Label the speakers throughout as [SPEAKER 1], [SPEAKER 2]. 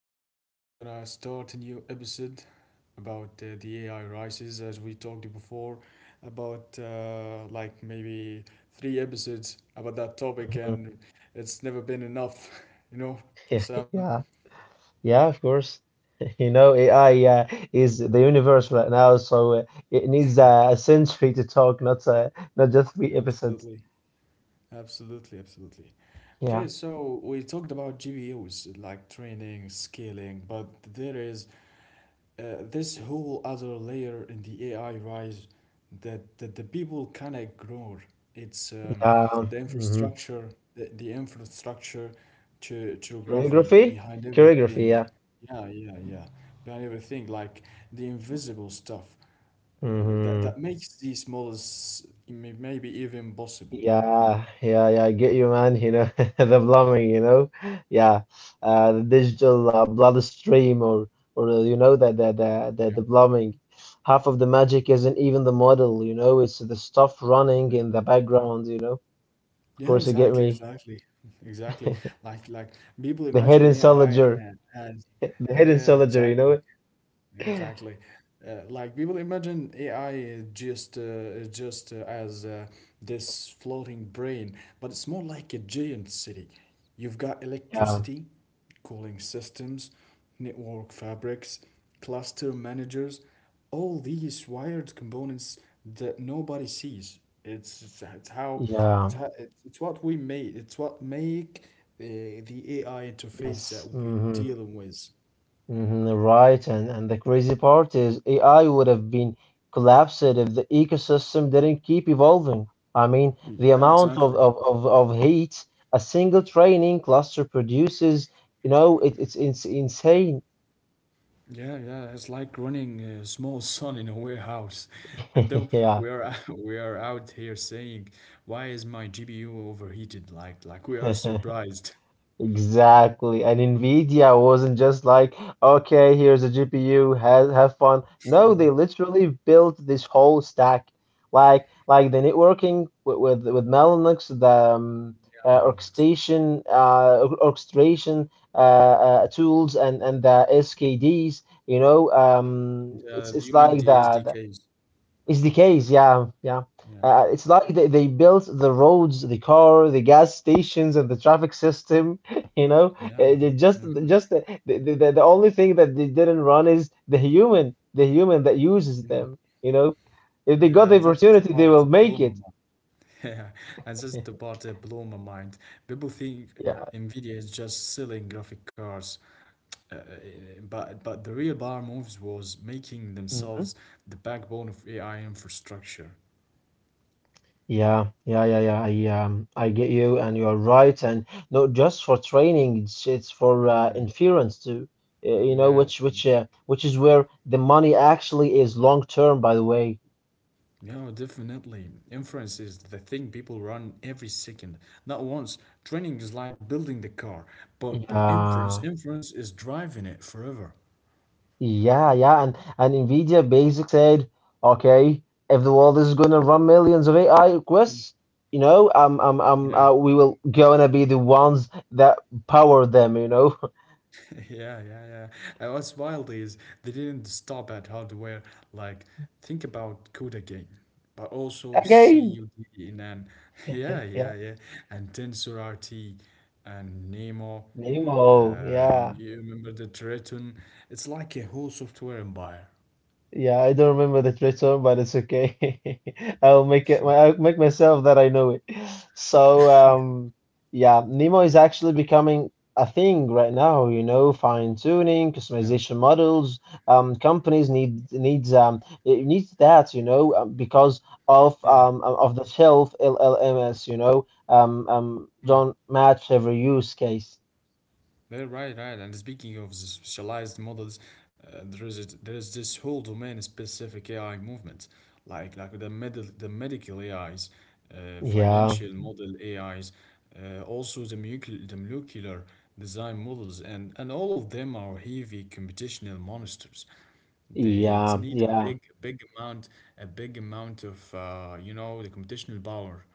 [SPEAKER 1] Today we're gonna start a new episode about the AI rises, as we talked before, about like maybe three episodes about that topic,
[SPEAKER 2] Mhm.
[SPEAKER 1] and it's never been enough, you know,
[SPEAKER 2] Yeah,
[SPEAKER 1] Sam?
[SPEAKER 2] yeah, yeah, of course. You know, AI is the universe right now, so it needs a century to talk, not not just three episodes.
[SPEAKER 1] Absolutely, absolutely, absolutely. Okay,
[SPEAKER 2] Yeah,
[SPEAKER 1] so we talked about GPUs, like training, scaling, but there is this whole other layer in the AI rise that the people can ignore. It's
[SPEAKER 2] yeah.
[SPEAKER 1] the
[SPEAKER 2] Mm-hmm.
[SPEAKER 1] infrastructure, the infrastructure, geography
[SPEAKER 2] Choreography?
[SPEAKER 1] behind
[SPEAKER 2] Choreography,
[SPEAKER 1] everything.
[SPEAKER 2] yeah.
[SPEAKER 1] Yeah, yeah, yeah. Behind everything, like the invisible stuff, uh, that
[SPEAKER 2] Mm-hmm.
[SPEAKER 1] that makes these models maybe even possible.
[SPEAKER 2] Yeah, yeah, yeah, I get you, man. You know, the plumbing, you know, yeah, the digital bloodstream, or you know that that that
[SPEAKER 1] Yeah.
[SPEAKER 2] the plumbing. Half of the magic isn't even the model, you know. It's the stuff running
[SPEAKER 1] Mm.
[SPEAKER 2] in the background, you know. Of
[SPEAKER 1] Yeah,
[SPEAKER 2] course, you get
[SPEAKER 1] exactly,
[SPEAKER 2] me.
[SPEAKER 1] exactly, exactly. Like people
[SPEAKER 2] The
[SPEAKER 1] imagine
[SPEAKER 2] hidden
[SPEAKER 1] AI
[SPEAKER 2] soldier,
[SPEAKER 1] as,
[SPEAKER 2] the hidden
[SPEAKER 1] yeah,
[SPEAKER 2] soldier, you know
[SPEAKER 1] exactly.
[SPEAKER 2] it.
[SPEAKER 1] Exactly. Like people imagine AI is just as this floating brain, but it's more like a giant city. You've got
[SPEAKER 2] Yeah,
[SPEAKER 1] electricity, cooling systems, network fabrics, cluster managers, all these wired components that nobody sees. It's it's, it's how
[SPEAKER 2] yeah,
[SPEAKER 1] it's what we make. It's what make the AI interface
[SPEAKER 2] yes.
[SPEAKER 1] that we deal with.
[SPEAKER 2] Right, and the crazy part is AI would have been collapsed if the ecosystem didn't keep evolving. I mean, the
[SPEAKER 1] Yeah,
[SPEAKER 2] amount of,
[SPEAKER 1] exactly.
[SPEAKER 2] of, of, of heat a single training cluster produces, you know, it's insane.
[SPEAKER 1] Yeah, yeah, it's like running a small son in a warehouse. And though
[SPEAKER 2] Yeah.
[SPEAKER 1] we are we are out here saying, "Why is my GPU overheated?" Like we are surprised.
[SPEAKER 2] Exactly. And NVIDIA wasn't just like, okay, here's a GPU, have fun. No, they literally built this whole stack. Like the networking with Mellanox, the
[SPEAKER 1] Yeah, Max.
[SPEAKER 2] orchestration orchestration tools and the SKDs, you know,
[SPEAKER 1] The
[SPEAKER 2] it's
[SPEAKER 1] the
[SPEAKER 2] it's
[SPEAKER 1] human
[SPEAKER 2] like
[SPEAKER 1] the
[SPEAKER 2] that.
[SPEAKER 1] SDKs.
[SPEAKER 2] It's the case, yeah, yeah.
[SPEAKER 1] Yeah,
[SPEAKER 2] It's like they built the roads, the car, the gas stations, and the traffic system. You know,
[SPEAKER 1] yeah, mhm,
[SPEAKER 2] Ju-
[SPEAKER 1] yeah,
[SPEAKER 2] just the only thing that they didn't run is the human that uses
[SPEAKER 1] yeah.
[SPEAKER 2] them. You know, if they got
[SPEAKER 1] Yeah,
[SPEAKER 2] the
[SPEAKER 1] and that's the
[SPEAKER 2] opportunity, they
[SPEAKER 1] part
[SPEAKER 2] will
[SPEAKER 1] that
[SPEAKER 2] make
[SPEAKER 1] blew
[SPEAKER 2] it.
[SPEAKER 1] Yeah, and that's the part that blew my mind. People think
[SPEAKER 2] Yeah.
[SPEAKER 1] Nvidia is just selling graphic cards, uh, uh, but the real bar moves was making themselves
[SPEAKER 2] Mhm.
[SPEAKER 1] the backbone of AI infrastructure.
[SPEAKER 2] Yeah, yeah, yeah, yeah. I get you, and you are right, and not just for training, it's for inference too. You know,
[SPEAKER 1] Yeah.
[SPEAKER 2] which is where the money actually is long term, by the way.
[SPEAKER 1] Yeah, definitely. Inference is the thing people run every second, not once. Training is like building the car, but inference
[SPEAKER 2] Yeah,
[SPEAKER 1] is driving it forever.
[SPEAKER 2] yeah, yeah, and NVIDIA basically said, okay, if the world is gonna run millions of AI requests, you know,
[SPEAKER 1] Yeah.
[SPEAKER 2] we will gonna be the ones that power them, you know.
[SPEAKER 1] Yeah, yeah, yeah. And what's wild is they didn't stop at hardware. Like, think about CUDA game, but also
[SPEAKER 2] Again,
[SPEAKER 1] CUD in an yeah,
[SPEAKER 2] yeah,
[SPEAKER 1] yeah, yeah, and TensorRT and Nemo.
[SPEAKER 2] Nemo, yeah.
[SPEAKER 1] You remember the Triton? It's like a whole software empire.
[SPEAKER 2] Yeah, I don't remember the thread song, but it's okay. I'll make it. I'll make myself that I know it. So, yeah, Nemo is actually becoming a thing right now. You know, fine tuning,
[SPEAKER 1] Yeah,
[SPEAKER 2] customization models. Companies need needs it needs that. You know, because
[SPEAKER 1] yeah.
[SPEAKER 2] of the shelf LLMs. You know, don't match every use case.
[SPEAKER 1] They're right, right. And speaking of the specialized models, there is this whole domain specific AI movement, like the medical AIs,
[SPEAKER 2] Yeah,
[SPEAKER 1] financial model AIs, also the molecular design models, and all of them are heavy computational monsters. They
[SPEAKER 2] yeah,
[SPEAKER 1] need a
[SPEAKER 2] yeah.
[SPEAKER 1] big amount of the computational power.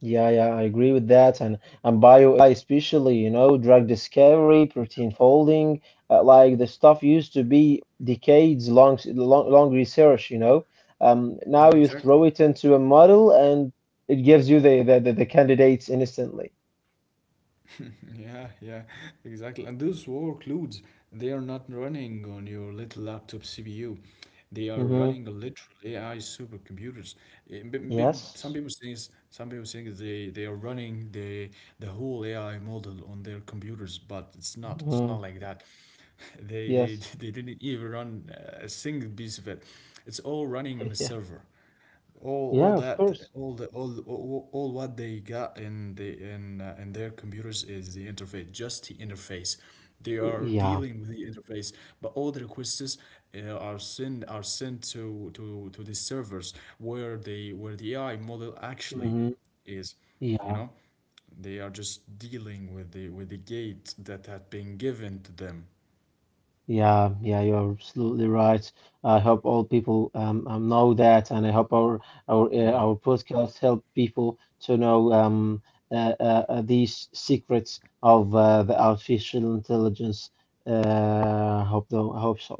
[SPEAKER 2] Yeah, yeah, I agree with that. And bio AI especially, you know, drug discovery, protein folding, like the stuff used to be decades long, long, long research, you know. Now
[SPEAKER 1] Yeah,
[SPEAKER 2] you throw
[SPEAKER 1] exactly.
[SPEAKER 2] it into a model and it gives you the candidates instantly.
[SPEAKER 1] Yeah, yeah, exactly. And those workloads, they are not running on your little laptop CPU. They are
[SPEAKER 2] Mm-hmm.
[SPEAKER 1] running on literal AI supercomputers. Eh, b- b- Some
[SPEAKER 2] Yes.
[SPEAKER 1] people think, they, are running the whole AI model on their computers, but it's not. It's
[SPEAKER 2] hmm
[SPEAKER 1] not like that. They they
[SPEAKER 2] Yes.
[SPEAKER 1] they didn't even run a single piece of it. It's all running on a
[SPEAKER 2] Yeah.
[SPEAKER 1] server. All
[SPEAKER 2] Yeah, of
[SPEAKER 1] that
[SPEAKER 2] course.
[SPEAKER 1] all the all what they got in the in their computers is the interface, just the interface. They are
[SPEAKER 2] Yeah.
[SPEAKER 1] dealing with the interface, but all the requests, are sent to the servers where the AI model actually
[SPEAKER 2] Mm-hmm.
[SPEAKER 1] is, you
[SPEAKER 2] Yeah.
[SPEAKER 1] know. They are just dealing with the gate that had been given to them.
[SPEAKER 2] Yeah, yeah, you're absolutely right. I hope all people know that, and I hope
[SPEAKER 1] Yeah.
[SPEAKER 2] our podcast help people to know these secrets of the artificial intelligence. Hope though, I hope so.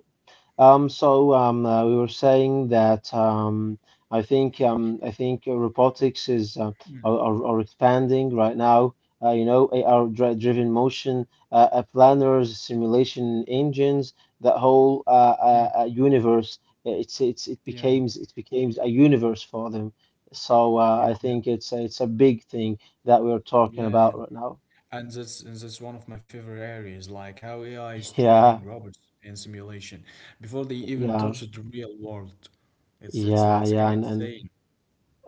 [SPEAKER 2] So we were saying that I think robotics is are expanding right now. You know, AR-driven motion planners, simulation engines, that whole
[SPEAKER 1] Mm,
[SPEAKER 2] universe. Uh, It's it's it
[SPEAKER 1] yeah,
[SPEAKER 2] becomes it becomes a universe for them. So
[SPEAKER 1] yeah,
[SPEAKER 2] I think it's a big thing that we're talking
[SPEAKER 1] yeah, yeah.
[SPEAKER 2] about right now.
[SPEAKER 1] And that's one of my favorite areas, like how AI is training
[SPEAKER 2] Yeah,
[SPEAKER 1] robots in simulation before they even touch
[SPEAKER 2] yeah,
[SPEAKER 1] the real world.
[SPEAKER 2] yeah,
[SPEAKER 1] It's kind
[SPEAKER 2] yeah,
[SPEAKER 1] of
[SPEAKER 2] and and
[SPEAKER 1] insane.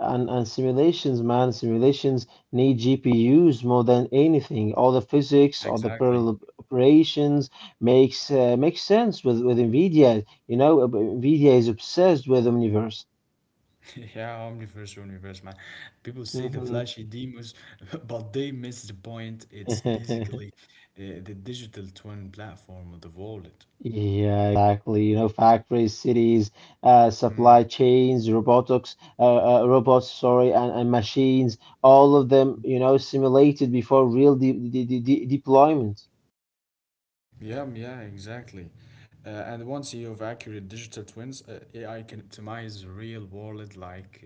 [SPEAKER 2] and, and simulations, man, simulations need GPUs more than anything. All the physics, all the
[SPEAKER 1] Exactly.
[SPEAKER 2] parallel operations makes sense with NVIDIA. You know, but NVIDIA is obsessed with Omniverse.
[SPEAKER 1] Yeah, Omniverse, Universe, man. People see the
[SPEAKER 2] hmm
[SPEAKER 1] flashy demos, but they miss the point. It's basically the digital twin platform of the wallet.
[SPEAKER 2] Yeah, exactly. You know, factories, cities, supply chains, robotics, robots, sorry, and machines, all of them, you know, simulated before real deployment.
[SPEAKER 1] Yeah, yeah, exactly. And once you have accurate digital twins, AI can optimize the real world,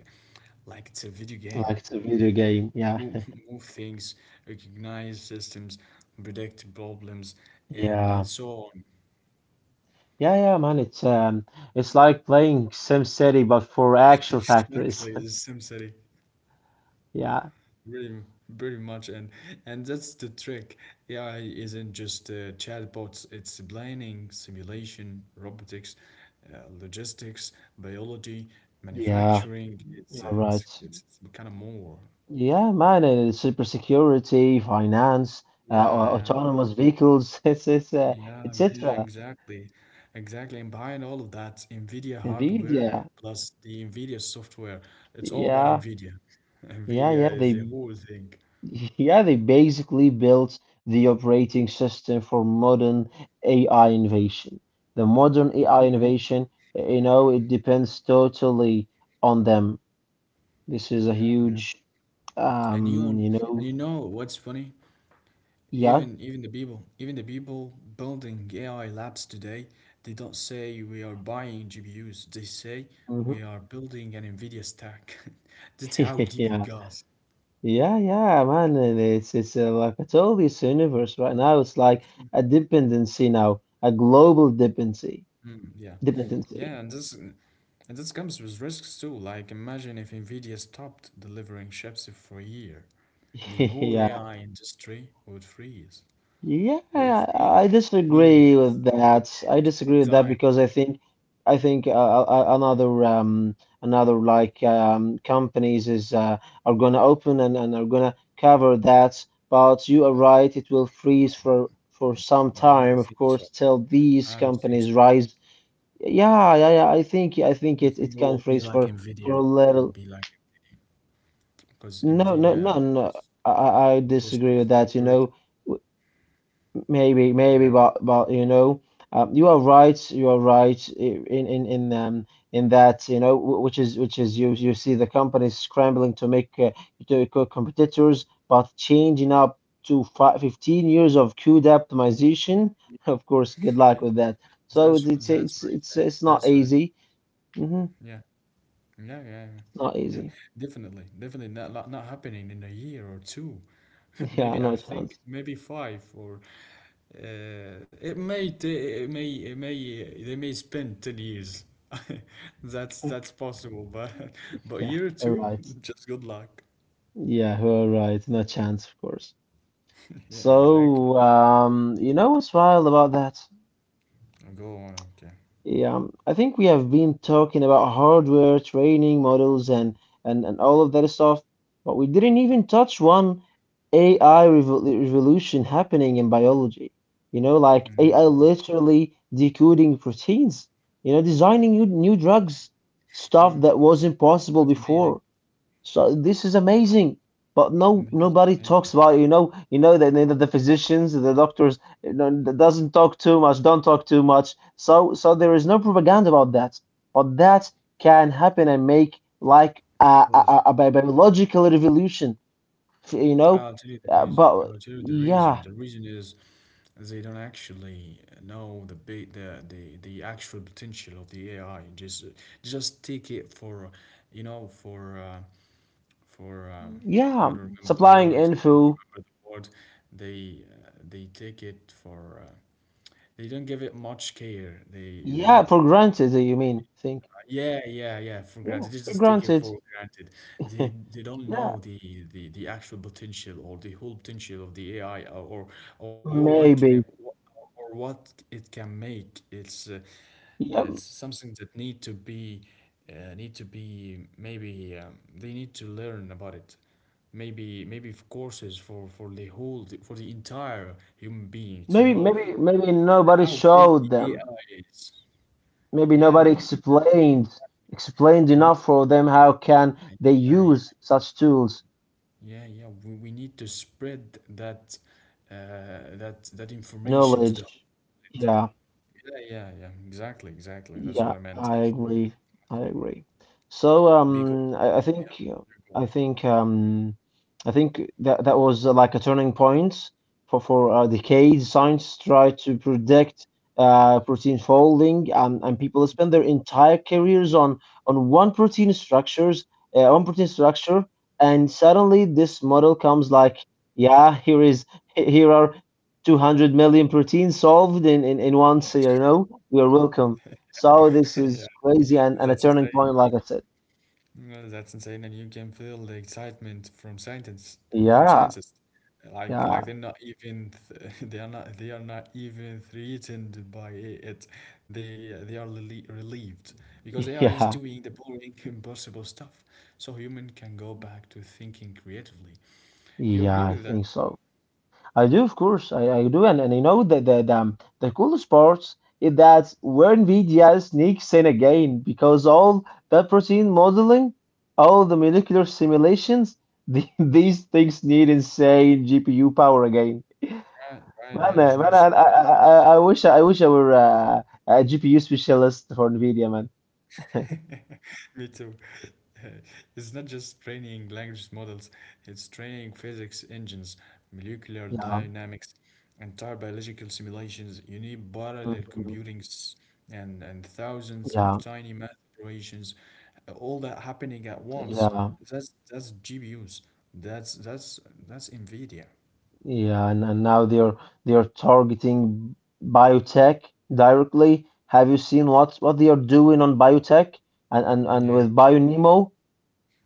[SPEAKER 1] like it's a video game.
[SPEAKER 2] Like it's a video game. Yeah.
[SPEAKER 1] Move, things, recognize systems, predict problems, and
[SPEAKER 2] Yeah.
[SPEAKER 1] so on.
[SPEAKER 2] Yeah, yeah, man. It's like playing SimCity but for actual factories.
[SPEAKER 1] Exactly, the SimCity,
[SPEAKER 2] Yeah.
[SPEAKER 1] really, pretty much, and that's the trick. AI isn't just chatbots; it's planning, simulation, robotics, logistics, biology,
[SPEAKER 2] Yeah,
[SPEAKER 1] manufacturing. It's
[SPEAKER 2] you're right.
[SPEAKER 1] it's kind of more.
[SPEAKER 2] Yeah, man, cybersecurity, finance,
[SPEAKER 1] Yeah.
[SPEAKER 2] autonomous vehicles,
[SPEAKER 1] Yeah, yeah,
[SPEAKER 2] etc.
[SPEAKER 1] exactly. Exactly. And behind all of that, NVIDIA hardware
[SPEAKER 2] NVIDIA,
[SPEAKER 1] plus the NVIDIA software. It's all about
[SPEAKER 2] yeah,
[SPEAKER 1] NVIDIA.
[SPEAKER 2] yeah, yeah.
[SPEAKER 1] NVIDIA is the whole thing.
[SPEAKER 2] Yeah, they basically built the operating system for modern AI innovation. The modern
[SPEAKER 1] Yeah,
[SPEAKER 2] AI
[SPEAKER 1] yeah,
[SPEAKER 2] innovation, you know, it depends totally on them. This is a
[SPEAKER 1] yeah, yeah.
[SPEAKER 2] huge,
[SPEAKER 1] And you on-
[SPEAKER 2] you
[SPEAKER 1] and
[SPEAKER 2] know,
[SPEAKER 1] you know what's funny?
[SPEAKER 2] yeah,
[SPEAKER 1] Even the people, building AI labs today, they don't say we are buying GPUs. They say
[SPEAKER 2] hmm
[SPEAKER 1] we are building an NVIDIA stack. That's how deep it
[SPEAKER 2] yeah.
[SPEAKER 1] goes.
[SPEAKER 2] Yeah, yeah, man. And it's Like I told you, it's the universe right now. It's like a dependency now, a global dependency.
[SPEAKER 1] Mm, yeah. Yeah, and
[SPEAKER 2] Dependency.
[SPEAKER 1] this And that comes with risks too. Like, imagine if Nvidia stopped delivering chips for a year, the whole AI industry would freeze.
[SPEAKER 2] Yeah,
[SPEAKER 1] It would
[SPEAKER 2] yeah.
[SPEAKER 1] freeze
[SPEAKER 2] I
[SPEAKER 1] for a year.
[SPEAKER 2] disagree
[SPEAKER 1] It's
[SPEAKER 2] with
[SPEAKER 1] a big,
[SPEAKER 2] that. I disagree with that
[SPEAKER 1] time.
[SPEAKER 2] because I think another companies is are gonna open and are gonna cover that. But you are right. It will freeze for some
[SPEAKER 1] No, I don't
[SPEAKER 2] time,
[SPEAKER 1] think
[SPEAKER 2] of
[SPEAKER 1] so.
[SPEAKER 2] course, till
[SPEAKER 1] I
[SPEAKER 2] these
[SPEAKER 1] don't think so. I
[SPEAKER 2] companies rise. Yeah, yeah, yeah. I think I
[SPEAKER 1] don't
[SPEAKER 2] think
[SPEAKER 1] think
[SPEAKER 2] it
[SPEAKER 1] it
[SPEAKER 2] it
[SPEAKER 1] will
[SPEAKER 2] can
[SPEAKER 1] be
[SPEAKER 2] phrase
[SPEAKER 1] like
[SPEAKER 2] for
[SPEAKER 1] Nvidia.
[SPEAKER 2] for a
[SPEAKER 1] It will
[SPEAKER 2] little.
[SPEAKER 1] be like Nvidia, because
[SPEAKER 2] No, no,
[SPEAKER 1] Nvidia
[SPEAKER 2] no, no.
[SPEAKER 1] just
[SPEAKER 2] I
[SPEAKER 1] just
[SPEAKER 2] disagree with that. You
[SPEAKER 1] discovered.
[SPEAKER 2] know, W- maybe
[SPEAKER 1] Yeah,
[SPEAKER 2] maybe,
[SPEAKER 1] oh
[SPEAKER 2] but you know, you are right. You are right in that. You know, which is you you see the companies scrambling to make competitors, but changing up to fi 15 years of code optimization. Of course, good
[SPEAKER 1] yeah.
[SPEAKER 2] luck with that. So it's
[SPEAKER 1] That's what
[SPEAKER 2] it's
[SPEAKER 1] I said.
[SPEAKER 2] it's it's
[SPEAKER 1] That's
[SPEAKER 2] not
[SPEAKER 1] what I,
[SPEAKER 2] easy. hmm
[SPEAKER 1] yeah. No, yeah,
[SPEAKER 2] Not
[SPEAKER 1] yeah.
[SPEAKER 2] easy.
[SPEAKER 1] Definitely, definitely not, not happening in a year or two.
[SPEAKER 2] Yeah,
[SPEAKER 1] Maybe, I
[SPEAKER 2] no
[SPEAKER 1] think
[SPEAKER 2] chance.
[SPEAKER 1] maybe five, or it may they may spend 10 years. That's possible, but but
[SPEAKER 2] Yeah,
[SPEAKER 1] year or
[SPEAKER 2] all
[SPEAKER 1] two,
[SPEAKER 2] right.
[SPEAKER 1] just good luck.
[SPEAKER 2] Yeah, all right. No chance, of course.
[SPEAKER 1] Yeah, exactly.
[SPEAKER 2] So, you know what's wild about that?
[SPEAKER 1] Go on. Okay,
[SPEAKER 2] Yeah, I think we have been talking about hardware, training models, and all of that stuff, but we didn't even touch one AI revolution happening in biology. You know, like AI literally decoding proteins. You know, designing new drugs, stuff that wasn't possible
[SPEAKER 1] that's amazing,
[SPEAKER 2] before. So this is amazing, but no,
[SPEAKER 1] amazing,
[SPEAKER 2] nobody
[SPEAKER 1] amazing.
[SPEAKER 2] talks about it. You know that the physicians, the doctors, you know, that doesn't talk too much, don't talk too much. So, so there is no propaganda about that. But that can happen and make like
[SPEAKER 1] Because
[SPEAKER 2] a bi- biological revolution. You know,
[SPEAKER 1] I'll tell you the reason.
[SPEAKER 2] but
[SPEAKER 1] I'll tell you the reason.
[SPEAKER 2] yeah,
[SPEAKER 1] The reason is they don't actually know the the actual potential of the AI. Just take it for, you know, for I
[SPEAKER 2] yeah,
[SPEAKER 1] don't remember the
[SPEAKER 2] supplying
[SPEAKER 1] word. I don't
[SPEAKER 2] info,
[SPEAKER 1] remember the word. They, they take it for. They don't give it much care.
[SPEAKER 2] yeah,
[SPEAKER 1] They
[SPEAKER 2] for granted. Uh, you mean? Think,
[SPEAKER 1] yeah, yeah, yeah. For
[SPEAKER 2] yeah,
[SPEAKER 1] granted, they
[SPEAKER 2] for
[SPEAKER 1] just take it
[SPEAKER 2] granted.
[SPEAKER 1] for granted. They they don't
[SPEAKER 2] Yeah,
[SPEAKER 1] know the actual potential or the whole potential of the AI, or or what can it-
[SPEAKER 2] maybe.
[SPEAKER 1] or what it can make.
[SPEAKER 2] Yeah,
[SPEAKER 1] It's something that need to be, need to be, maybe, they need to learn about it. Maybe, courses for the whole, for the entire human being, to
[SPEAKER 2] maybe,
[SPEAKER 1] know
[SPEAKER 2] maybe, maybe nobody
[SPEAKER 1] how big
[SPEAKER 2] showed
[SPEAKER 1] the
[SPEAKER 2] them.
[SPEAKER 1] AI is.
[SPEAKER 2] Maybe
[SPEAKER 1] Yeah, yeah. I
[SPEAKER 2] nobody
[SPEAKER 1] mean that. We
[SPEAKER 2] explained explained
[SPEAKER 1] need
[SPEAKER 2] enough for them how can
[SPEAKER 1] we need
[SPEAKER 2] they
[SPEAKER 1] that.
[SPEAKER 2] use such tools,
[SPEAKER 1] Yeah, yeah, we, need to spread that, uh, that information to the whole
[SPEAKER 2] knowledge. Yeah.
[SPEAKER 1] planet. Yeah, yeah, yeah, exactly, exactly. That's what I
[SPEAKER 2] Yeah,
[SPEAKER 1] meant.
[SPEAKER 2] I agree. I agree. So
[SPEAKER 1] Because,
[SPEAKER 2] I
[SPEAKER 1] yeah,
[SPEAKER 2] think
[SPEAKER 1] you're cool.
[SPEAKER 2] I think um, I think that that was like a turning point for decades. Science tried to predict protein folding, and people spend their entire careers on one protein one protein structure, and suddenly this model comes like, yeah, here are 200 million proteins solved in once. You know, you're welcome. So this
[SPEAKER 1] Yeah,
[SPEAKER 2] is crazy and
[SPEAKER 1] that's
[SPEAKER 2] a turning
[SPEAKER 1] insane.
[SPEAKER 2] point, like I said.
[SPEAKER 1] No, that's insane, and you can feel the excitement from scientists, from
[SPEAKER 2] Yeah,
[SPEAKER 1] scientists, like they're
[SPEAKER 2] yeah,
[SPEAKER 1] not even th they are not even threatened by it. They are relieved, because AI is
[SPEAKER 2] yeah,
[SPEAKER 1] doing the boring, impossible stuff, so human can go back to thinking creatively. You agree
[SPEAKER 2] yeah, I
[SPEAKER 1] with that?
[SPEAKER 2] think so. I do, of course, I do. And I know that the coolest part is that where NVIDIA sneaks in again, because all that protein modeling, all the molecular simulations, these things need insane GPU power again.
[SPEAKER 1] Right, right,
[SPEAKER 2] Man,
[SPEAKER 1] right. It's
[SPEAKER 2] uh,
[SPEAKER 1] not.
[SPEAKER 2] man, I, I, I I wish I were a GPU specialist for NVIDIA, man.
[SPEAKER 1] Me too. It's not just training language models, it's training physics engines, molecular
[SPEAKER 2] Yeah.
[SPEAKER 1] dynamics, entire biological simulations. You need parallel
[SPEAKER 2] mhm,
[SPEAKER 1] computing and, thousands of
[SPEAKER 2] Yeah.
[SPEAKER 1] tiny math operations, all that happening at once.
[SPEAKER 2] Yeah,
[SPEAKER 1] That's GPUs. That's that's that's NVIDIA.
[SPEAKER 2] yeah, and now they're targeting biotech directly. Have you seen what they are doing on biotech
[SPEAKER 1] Yeah,
[SPEAKER 2] and with BioNemo?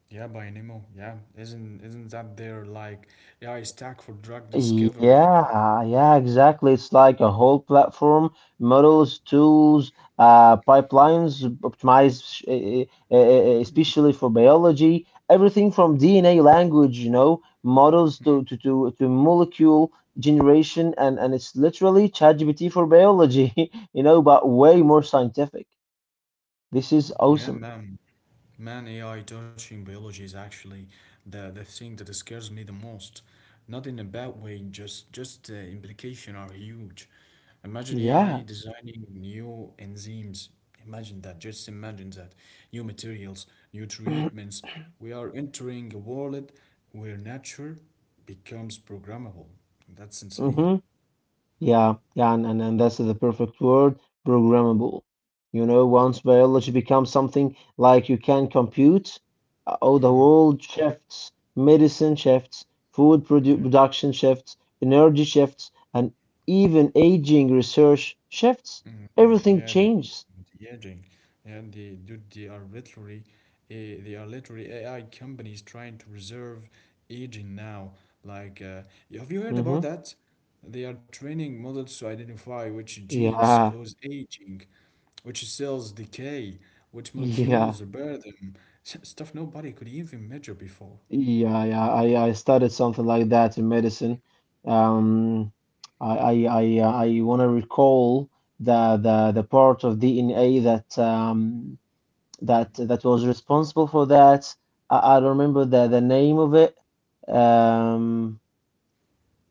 [SPEAKER 1] yeah, Bionimo. Yeah, isn't that their like AI stack for drug discovery?
[SPEAKER 2] Yeah, yeah, exactly. It's like a whole platform, models, tools, pipelines optimized, especially for biology. Everything from DNA language, you know, models to molecule generation, and it's literally ChatGPT for biology, you know, but way more scientific. This is
[SPEAKER 1] Yeah,
[SPEAKER 2] awesome.
[SPEAKER 1] man. Man, AI touching biology is actually the thing that scares me the most. Not in a bad way, just the implication are huge. Imagine AI
[SPEAKER 2] Yeah.
[SPEAKER 1] designing new enzymes. Imagine that, just imagine that. New materials, new treatments. We are entering a world where nature becomes programmable. That's insane.
[SPEAKER 2] hmm Yeah, yeah, and that's the perfect word, programmable. You know, once biology becomes something like you can compute, oh, the
[SPEAKER 1] Hmm.
[SPEAKER 2] world shifts, medicine shifts, food production shifts, energy shifts, and even aging research shifts.
[SPEAKER 1] Mm,
[SPEAKER 2] Everything
[SPEAKER 1] yeah,
[SPEAKER 2] changes.
[SPEAKER 1] the aging, and the dude, they are literally, AI companies trying to reserve aging now. Like, have you heard about
[SPEAKER 2] Mm-hmm.
[SPEAKER 1] that? They are training models to identify which genes
[SPEAKER 2] Yeah,
[SPEAKER 1] cause aging, which cells decay, which molecules
[SPEAKER 2] yeah.
[SPEAKER 1] repair them, stuff nobody could even measure before.
[SPEAKER 2] Yeah, yeah, I studied something like that in medicine. Um, I want to recall the part of DNA that
[SPEAKER 1] Mm.
[SPEAKER 2] that that was responsible for that. I don't remember the name of it. Um,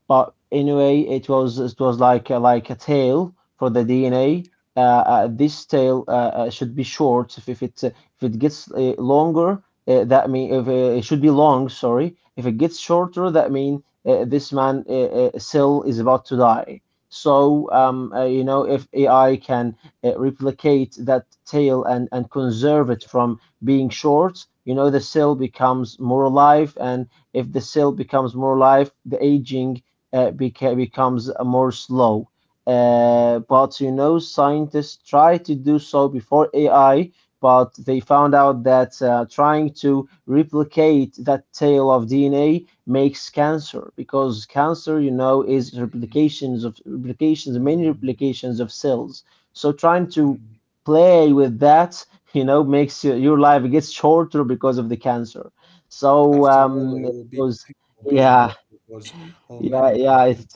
[SPEAKER 2] but anyway, it was like like a tail for the DNA. Uh, this tail should be short. If it gets longer, that mean if it should be long. Sorry, if it gets shorter, that mean this man cell is about to die. So
[SPEAKER 1] Mm.
[SPEAKER 2] you know, if AI can replicate that tail and conserve
[SPEAKER 1] Yeah.
[SPEAKER 2] it from being short, you know, the cell becomes more alive, and if the cell becomes more alive, the aging becomes more slow. But you know, scientists tried to do so before AI, but they found out that trying to replicate that tail of DNA makes cancer because cancer, you know, is
[SPEAKER 1] Mm,
[SPEAKER 2] replications of replications, many
[SPEAKER 1] mm,
[SPEAKER 2] replications of cells. So trying to
[SPEAKER 1] mm.
[SPEAKER 2] play with that, you know, makes your life gets shorter because of the cancer. So
[SPEAKER 1] After all, it
[SPEAKER 2] um, it
[SPEAKER 1] will be,
[SPEAKER 2] was, yeah.
[SPEAKER 1] impossible, because all men
[SPEAKER 2] Yeah,
[SPEAKER 1] are mortal.
[SPEAKER 2] yeah, it's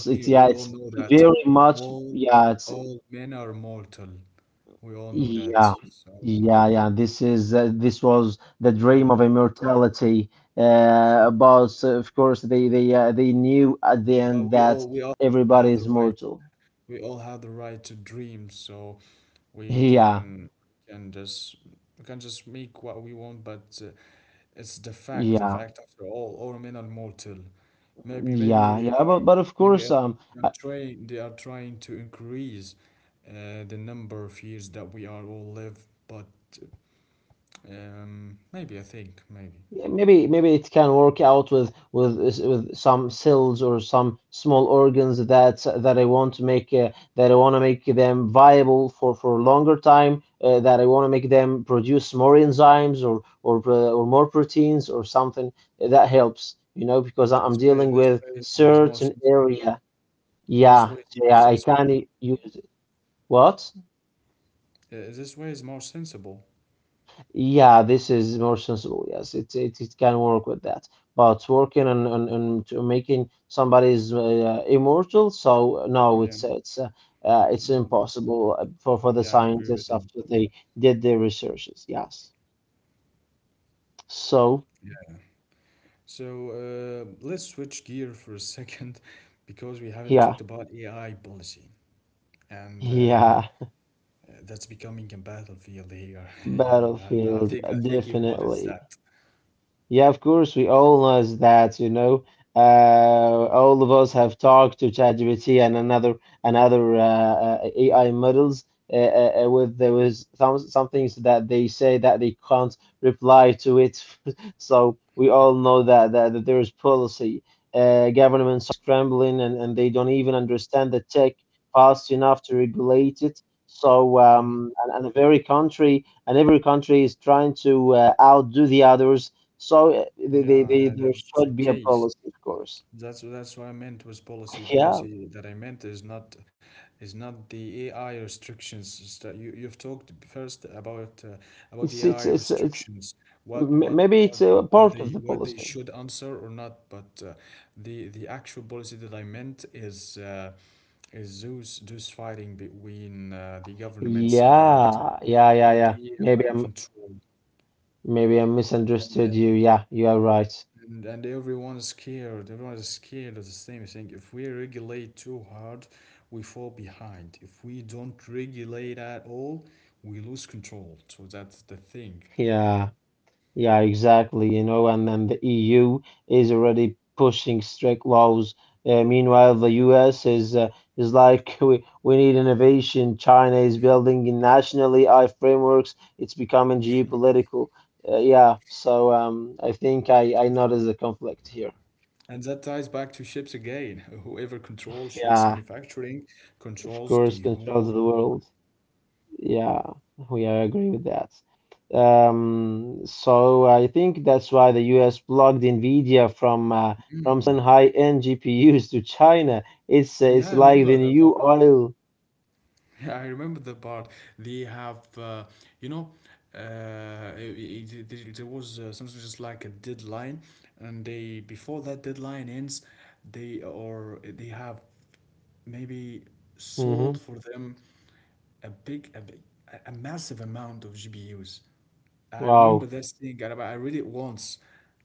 [SPEAKER 1] We
[SPEAKER 2] It's,
[SPEAKER 1] we
[SPEAKER 2] yeah,
[SPEAKER 1] all
[SPEAKER 2] it's
[SPEAKER 1] know that,
[SPEAKER 2] very much.
[SPEAKER 1] all
[SPEAKER 2] Yeah, it's
[SPEAKER 1] all men are mortal. We all know that.
[SPEAKER 2] yeah,
[SPEAKER 1] So,
[SPEAKER 2] yeah, yeah. This is this was the
[SPEAKER 1] uh,
[SPEAKER 2] dream of immortality. But of course, they knew at the
[SPEAKER 1] but
[SPEAKER 2] end that
[SPEAKER 1] we all have
[SPEAKER 2] everybody
[SPEAKER 1] the
[SPEAKER 2] is
[SPEAKER 1] right.
[SPEAKER 2] mortal.
[SPEAKER 1] We all have the right to dream. So, we
[SPEAKER 2] Yeah,
[SPEAKER 1] can can just we can just make what we want. But, it's the fact,
[SPEAKER 2] yeah,
[SPEAKER 1] after all men are mortal. Maybe, maybe
[SPEAKER 2] yeah,
[SPEAKER 1] they
[SPEAKER 2] yeah.
[SPEAKER 1] are,
[SPEAKER 2] But of
[SPEAKER 1] maybe,
[SPEAKER 2] course,
[SPEAKER 1] they are trying, to increase, the number of years that we are all live. But, maybe, I think maybe
[SPEAKER 2] yeah, maybe it can work out with with some cells or some small organs that I want to make them viable for a longer time that I want to make them produce more enzymes or or more proteins or something that helps, you know, because I'm dealing
[SPEAKER 1] this
[SPEAKER 2] with
[SPEAKER 1] way is more
[SPEAKER 2] certain
[SPEAKER 1] sensible.
[SPEAKER 2] area.
[SPEAKER 1] This way
[SPEAKER 2] Yeah,
[SPEAKER 1] is more
[SPEAKER 2] yeah, I
[SPEAKER 1] sensible.
[SPEAKER 2] can use what.
[SPEAKER 1] This way is more sensible.
[SPEAKER 2] Yeah, this is more sensible. Yes, it can work with that. But working on to making somebody's immortal. So no,
[SPEAKER 1] Yeah.
[SPEAKER 2] it's it's
[SPEAKER 1] Mhm.
[SPEAKER 2] impossible for
[SPEAKER 1] Yeah,
[SPEAKER 2] the
[SPEAKER 1] I agree with you.
[SPEAKER 2] scientists after they did their researches. Yes. So
[SPEAKER 1] Yeah. So, let's switch gear for a second, because we haven't talked
[SPEAKER 2] yeah,
[SPEAKER 1] about AI policy. And,
[SPEAKER 2] yeah.
[SPEAKER 1] that's becoming a battlefield here. Yeah, I think,
[SPEAKER 2] Battlefield
[SPEAKER 1] you've noticed
[SPEAKER 2] definitely.
[SPEAKER 1] that.
[SPEAKER 2] Yeah, of course, we all know that, you know. Uh, all of us have talked to ChatGPT and another
[SPEAKER 1] Mm.
[SPEAKER 2] AI models with there was some things that they say that they can't reply to it. So we all know that there is policy. Governments are scrambling, and they don't even understand the tech fast enough to regulate it. So
[SPEAKER 1] Yeah,
[SPEAKER 2] um, and, and every country is trying to outdo the others. So
[SPEAKER 1] yeah, yeah,
[SPEAKER 2] there
[SPEAKER 1] that's the
[SPEAKER 2] should be a
[SPEAKER 1] case.
[SPEAKER 2] policy, of course.
[SPEAKER 1] That's what I meant was policy.
[SPEAKER 2] Yeah,
[SPEAKER 1] Policy that I meant is not, the AI restrictions. It's that. You, you've talked first about, about the AI
[SPEAKER 2] it's it's it's it's
[SPEAKER 1] restrictions. What what
[SPEAKER 2] maybe
[SPEAKER 1] what
[SPEAKER 2] it's a part of the
[SPEAKER 1] what they should
[SPEAKER 2] policy.
[SPEAKER 1] answer or not. But The actual policy that I meant is those fighting between the governments
[SPEAKER 2] Yeah, yeah,
[SPEAKER 1] about the
[SPEAKER 2] yeah, yeah.
[SPEAKER 1] AI control
[SPEAKER 2] Maybe I
[SPEAKER 1] and
[SPEAKER 2] misunderstood you. Yeah, you are right.
[SPEAKER 1] and everyone is scared. Everyone is scared of the same thing. If we regulate too hard, we fall behind. If we don't regulate at all, we lose control. So that's the thing.
[SPEAKER 2] Yeah. Yeah, exactly. You know, and then the EU is already pushing strict laws. Meanwhile, the US is like, we need innovation. China is building nationally AI frameworks. It's becoming geopolitical. Yeah, so I think I noticed the conflict here.
[SPEAKER 1] And that ties back to ships again. Whoever controls ships
[SPEAKER 2] Yeah,
[SPEAKER 1] manufacturing
[SPEAKER 2] of
[SPEAKER 1] controls the
[SPEAKER 2] course,
[SPEAKER 1] whole.
[SPEAKER 2] controls the world. Yeah, we are agree with that. So I think that's why the US blocked NVIDIA from selling high-end GPUs to China.
[SPEAKER 1] Yeah, I
[SPEAKER 2] It's
[SPEAKER 1] remember
[SPEAKER 2] like the
[SPEAKER 1] the
[SPEAKER 2] new
[SPEAKER 1] power.
[SPEAKER 2] oil.
[SPEAKER 1] I remember the part. They have, you know, it- it- there was something just like a deadline, and they before that deadline ends, they or they have maybe sold
[SPEAKER 2] Hmm.
[SPEAKER 1] for them a big, a big, a massive amount of GPUs. I remember
[SPEAKER 2] Wow.
[SPEAKER 1] this thing. I read it once.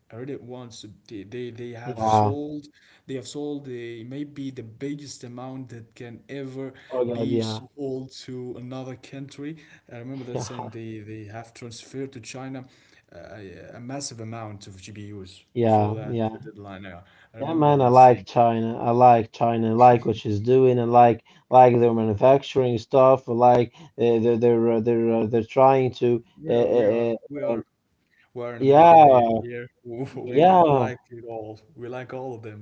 [SPEAKER 1] I read it once. They have
[SPEAKER 2] Yeah.
[SPEAKER 1] sold. They have sold the maybe the biggest amount that can ever
[SPEAKER 2] Oh
[SPEAKER 1] be
[SPEAKER 2] God. Yeah.
[SPEAKER 1] sold to another country. I remember that
[SPEAKER 2] Yeah.
[SPEAKER 1] saying. They have transferred to China a massive amount of GPUs before
[SPEAKER 2] Yeah.
[SPEAKER 1] that
[SPEAKER 2] Yeah.
[SPEAKER 1] deadline. Yeah, I
[SPEAKER 2] Yeah,
[SPEAKER 1] remember that
[SPEAKER 2] man. I
[SPEAKER 1] saying.
[SPEAKER 2] like China. I like China. I like what she's doing. I like their manufacturing stuff. I like they're trying
[SPEAKER 1] We
[SPEAKER 2] to.
[SPEAKER 1] are we are we are We're in the middle area
[SPEAKER 2] Yeah.
[SPEAKER 1] here. We like
[SPEAKER 2] Yeah.
[SPEAKER 1] it all. We like all of them.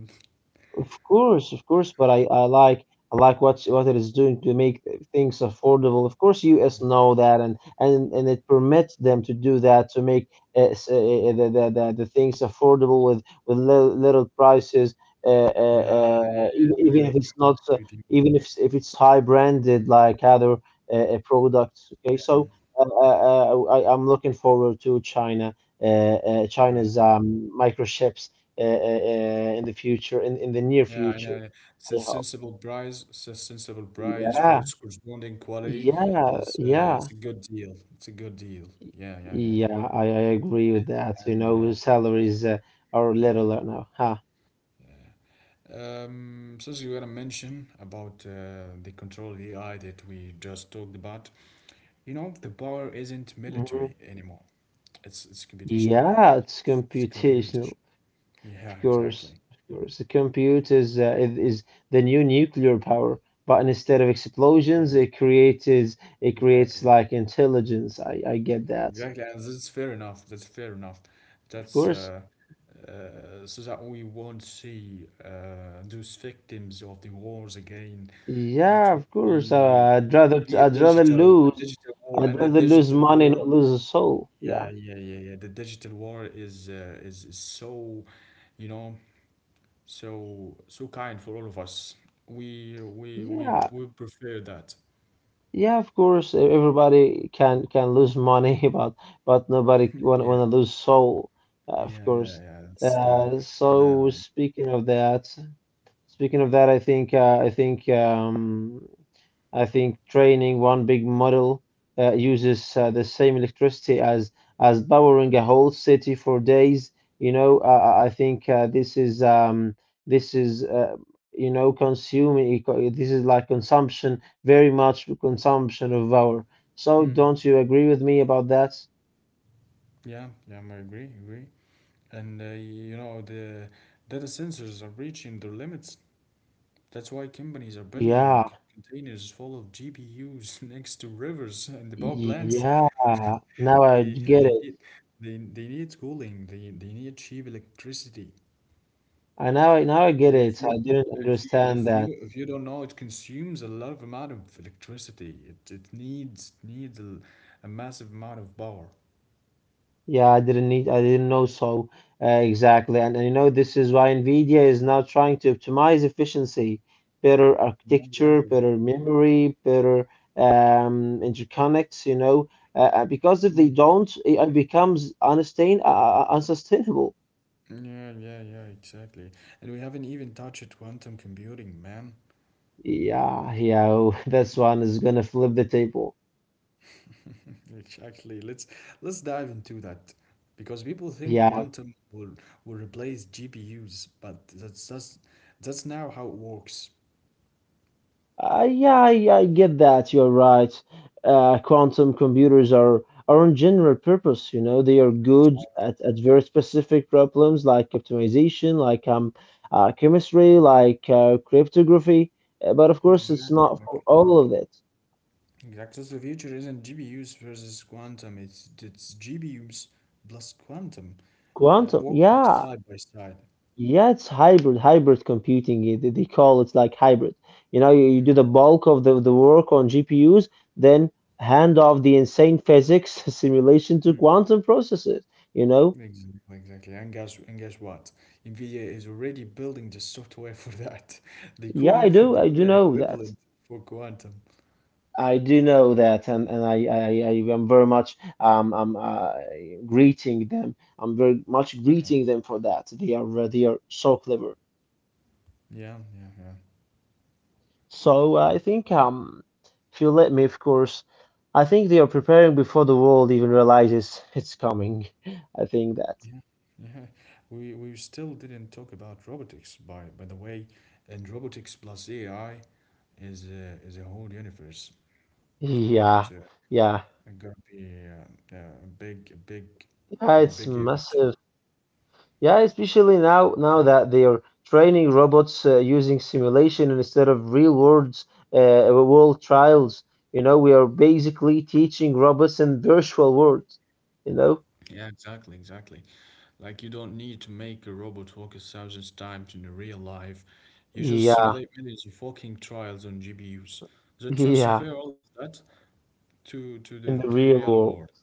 [SPEAKER 2] Of course, but I like what it is doing to make things affordable. Of course, U.S. know that, and it permits them to do that to make the, the things affordable with little, little prices.
[SPEAKER 1] Yeah, yeah, yeah. I agree with
[SPEAKER 2] Even if
[SPEAKER 1] you.
[SPEAKER 2] it's
[SPEAKER 1] I
[SPEAKER 2] not,
[SPEAKER 1] agree with you.
[SPEAKER 2] even if if it's high branded like other products. Okay,
[SPEAKER 1] Yeah,
[SPEAKER 2] so I'm looking forward to China, China's microchips in the future, in the near
[SPEAKER 1] yeah, I
[SPEAKER 2] future,
[SPEAKER 1] know. It's a
[SPEAKER 2] I hope.
[SPEAKER 1] sensible price. It's a sensible price for its
[SPEAKER 2] Yeah,
[SPEAKER 1] corresponding quality.
[SPEAKER 2] yeah,
[SPEAKER 1] It's a
[SPEAKER 2] yeah,
[SPEAKER 1] good deal. It's a good deal. Yeah, yeah, yeah.
[SPEAKER 2] yeah. I agree
[SPEAKER 1] And,
[SPEAKER 2] with that. You
[SPEAKER 1] and
[SPEAKER 2] know, salaries are little now. Huh?
[SPEAKER 1] So as you were to mention about the control VI that we just talked about, you know, the power isn't military
[SPEAKER 2] Hmm.
[SPEAKER 1] anymore. It's computational power.
[SPEAKER 2] Yeah,
[SPEAKER 1] It's,
[SPEAKER 2] it's
[SPEAKER 1] it's computation.
[SPEAKER 2] computational,
[SPEAKER 1] Yeah,
[SPEAKER 2] of
[SPEAKER 1] exactly.
[SPEAKER 2] course, of course. The compute is is the new nuclear power, but instead of
[SPEAKER 1] Yeah,
[SPEAKER 2] explosions,
[SPEAKER 1] exactly.
[SPEAKER 2] it
[SPEAKER 1] Exactly.
[SPEAKER 2] creates like intelligence. I
[SPEAKER 1] Exactly,
[SPEAKER 2] get
[SPEAKER 1] Exactly.
[SPEAKER 2] that,
[SPEAKER 1] and that's fair enough. That's fair enough. That's
[SPEAKER 2] of course.
[SPEAKER 1] so that we won't see those victims of the wars again. It would
[SPEAKER 2] Yeah, of course.
[SPEAKER 1] be it
[SPEAKER 2] I'd
[SPEAKER 1] would
[SPEAKER 2] rather
[SPEAKER 1] be a digital war, and the
[SPEAKER 2] I'd rather
[SPEAKER 1] digital
[SPEAKER 2] lose
[SPEAKER 1] war.
[SPEAKER 2] money, not lose a soul.
[SPEAKER 1] Yeah, yeah,
[SPEAKER 2] Yeah.
[SPEAKER 1] yeah, yeah. The digital war is so, you know, so kind for all of us. We
[SPEAKER 2] Yeah.
[SPEAKER 1] prefer that.
[SPEAKER 2] Yeah, of course, everybody can lose money but nobody
[SPEAKER 1] Yeah,
[SPEAKER 2] want wanna lose soul,
[SPEAKER 1] yeah,
[SPEAKER 2] of
[SPEAKER 1] yeah,
[SPEAKER 2] course.
[SPEAKER 1] yeah. That's the
[SPEAKER 2] Uh, so
[SPEAKER 1] the.
[SPEAKER 2] speaking of that, Speaking of that, I think I think training one big model uses the same electricity as powering a whole city for days. You know, I think this is you know, This is like consumption, very much consumption of power. So,
[SPEAKER 1] Mm.
[SPEAKER 2] don't you agree with me about that?
[SPEAKER 1] Yeah, yeah, I agree. And you know, the data sensors are reaching their limits. That's why companies are building
[SPEAKER 2] Yeah,
[SPEAKER 1] containers full of G P U's next to rivers and the power plants.
[SPEAKER 2] yeah. Now I
[SPEAKER 1] They
[SPEAKER 2] get it.
[SPEAKER 1] they need cooling. They need cheap electricity.
[SPEAKER 2] I now I get it.
[SPEAKER 1] If
[SPEAKER 2] I
[SPEAKER 1] you
[SPEAKER 2] didn't
[SPEAKER 1] if you
[SPEAKER 2] understand
[SPEAKER 1] if
[SPEAKER 2] that.
[SPEAKER 1] you if you don't know, it consumes a lot of amount of electricity. It needs a massive amount of power.
[SPEAKER 2] Yeah, I didn't know, so exactly. And you know, this is why NVIDIA is now trying to optimize efficiency, better
[SPEAKER 1] Yeah,
[SPEAKER 2] architecture,
[SPEAKER 1] exactly.
[SPEAKER 2] better memory, better interconnects, you know, because if they
[SPEAKER 1] Mm.
[SPEAKER 2] don't, it becomes unsustainable.
[SPEAKER 1] Yeah, yeah, yeah, exactly. And we haven't even touched quantum computing, man.
[SPEAKER 2] Yeah, yeah, this one is gonna flip the table.
[SPEAKER 1] Exactly. Let's dive into that. Because people think
[SPEAKER 2] Yeah.
[SPEAKER 1] quantum will replace GPUs, but that's now how it works.
[SPEAKER 2] Yeah, I get that. You're right. Quantum computers are on general purpose. You know, they are good at very specific problems like optimization, like chemistry, like cryptography. But of course, it's not for
[SPEAKER 1] Exactly.
[SPEAKER 2] all of it.
[SPEAKER 1] Exactly. So the future isn't GPUs versus quantum, it's GPUs plus quantum,
[SPEAKER 2] Quantum,
[SPEAKER 1] working
[SPEAKER 2] yeah.
[SPEAKER 1] side by side.
[SPEAKER 2] Yeah, it's hybrid, hybrid computing. They call it like hybrid. You know, you do the bulk of the work on GPUs, then hand off the insane physics simulation to quantum processes. You know,
[SPEAKER 1] Exactly, exactly. And guess what? NVIDIA is already building the software for that. The
[SPEAKER 2] yeah,
[SPEAKER 1] CUDA,
[SPEAKER 2] I
[SPEAKER 1] the
[SPEAKER 2] do
[SPEAKER 1] CUDA
[SPEAKER 2] know that.
[SPEAKER 1] equivalent for quantum.
[SPEAKER 2] I do know that, and I am very much I'm greeting them. I'm very much
[SPEAKER 1] Yeah,
[SPEAKER 2] greeting them for that. They are so clever.
[SPEAKER 1] yeah, yeah, yeah.
[SPEAKER 2] So if you let me, of course, I think they are preparing before the world even realizes it's coming. I think that.
[SPEAKER 1] Yeah. Yeah. We still didn't talk about robotics by the way, and robotics plus AI is a whole universe. It
[SPEAKER 2] Yeah, yeah,
[SPEAKER 1] gonna be yeah, a big
[SPEAKER 2] yeah.
[SPEAKER 1] you know
[SPEAKER 2] It's
[SPEAKER 1] big event.
[SPEAKER 2] massive. Yeah, especially now that they are training robots using simulation instead of real world world trials. You know, we are basically teaching robots in virtual worlds. You know.
[SPEAKER 1] Yeah, exactly, exactly. Like you don't need to make a robot walk a thousand times in real life. You just
[SPEAKER 2] Yeah,
[SPEAKER 1] simulate millions of walking trials on GPUs, then
[SPEAKER 2] yeah.
[SPEAKER 1] transfer all that to to
[SPEAKER 2] In
[SPEAKER 1] the
[SPEAKER 2] the
[SPEAKER 1] to the
[SPEAKER 2] real
[SPEAKER 1] real
[SPEAKER 2] world.
[SPEAKER 1] world.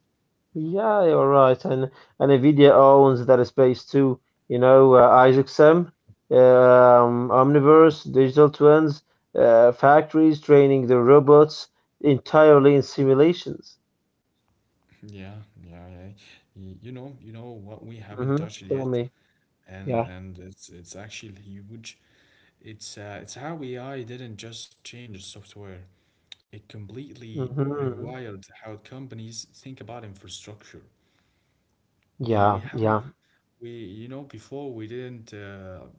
[SPEAKER 2] Yeah, you're right, and Nvidia owns that space too. You know, IsaacSem, Omniverse, digital twins, factories training the robots entirely in simulations.
[SPEAKER 1] Yeah, yeah, yeah. You know, you know what we
[SPEAKER 2] Mm-hmm.
[SPEAKER 1] haven't touched
[SPEAKER 2] Tell
[SPEAKER 1] yet,
[SPEAKER 2] me. Yeah.
[SPEAKER 1] and it's actually huge. It's how AI didn't just change the software. It completely
[SPEAKER 2] Mm-hmm.
[SPEAKER 1] rewired how companies think about infrastructure.
[SPEAKER 2] Yeah,
[SPEAKER 1] We
[SPEAKER 2] yeah,
[SPEAKER 1] haven't We, you know, before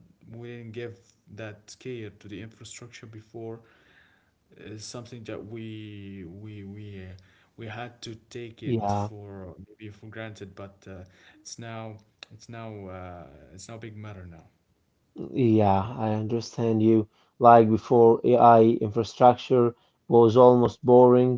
[SPEAKER 1] we didn't give that care to the infrastructure before. It's something that we had to take it
[SPEAKER 2] yeah.
[SPEAKER 1] for maybe for granted, but it's now it's now uh, it's now big matter now.
[SPEAKER 2] Yeah, I understand you. Like before, AI infrastructure was almost boring.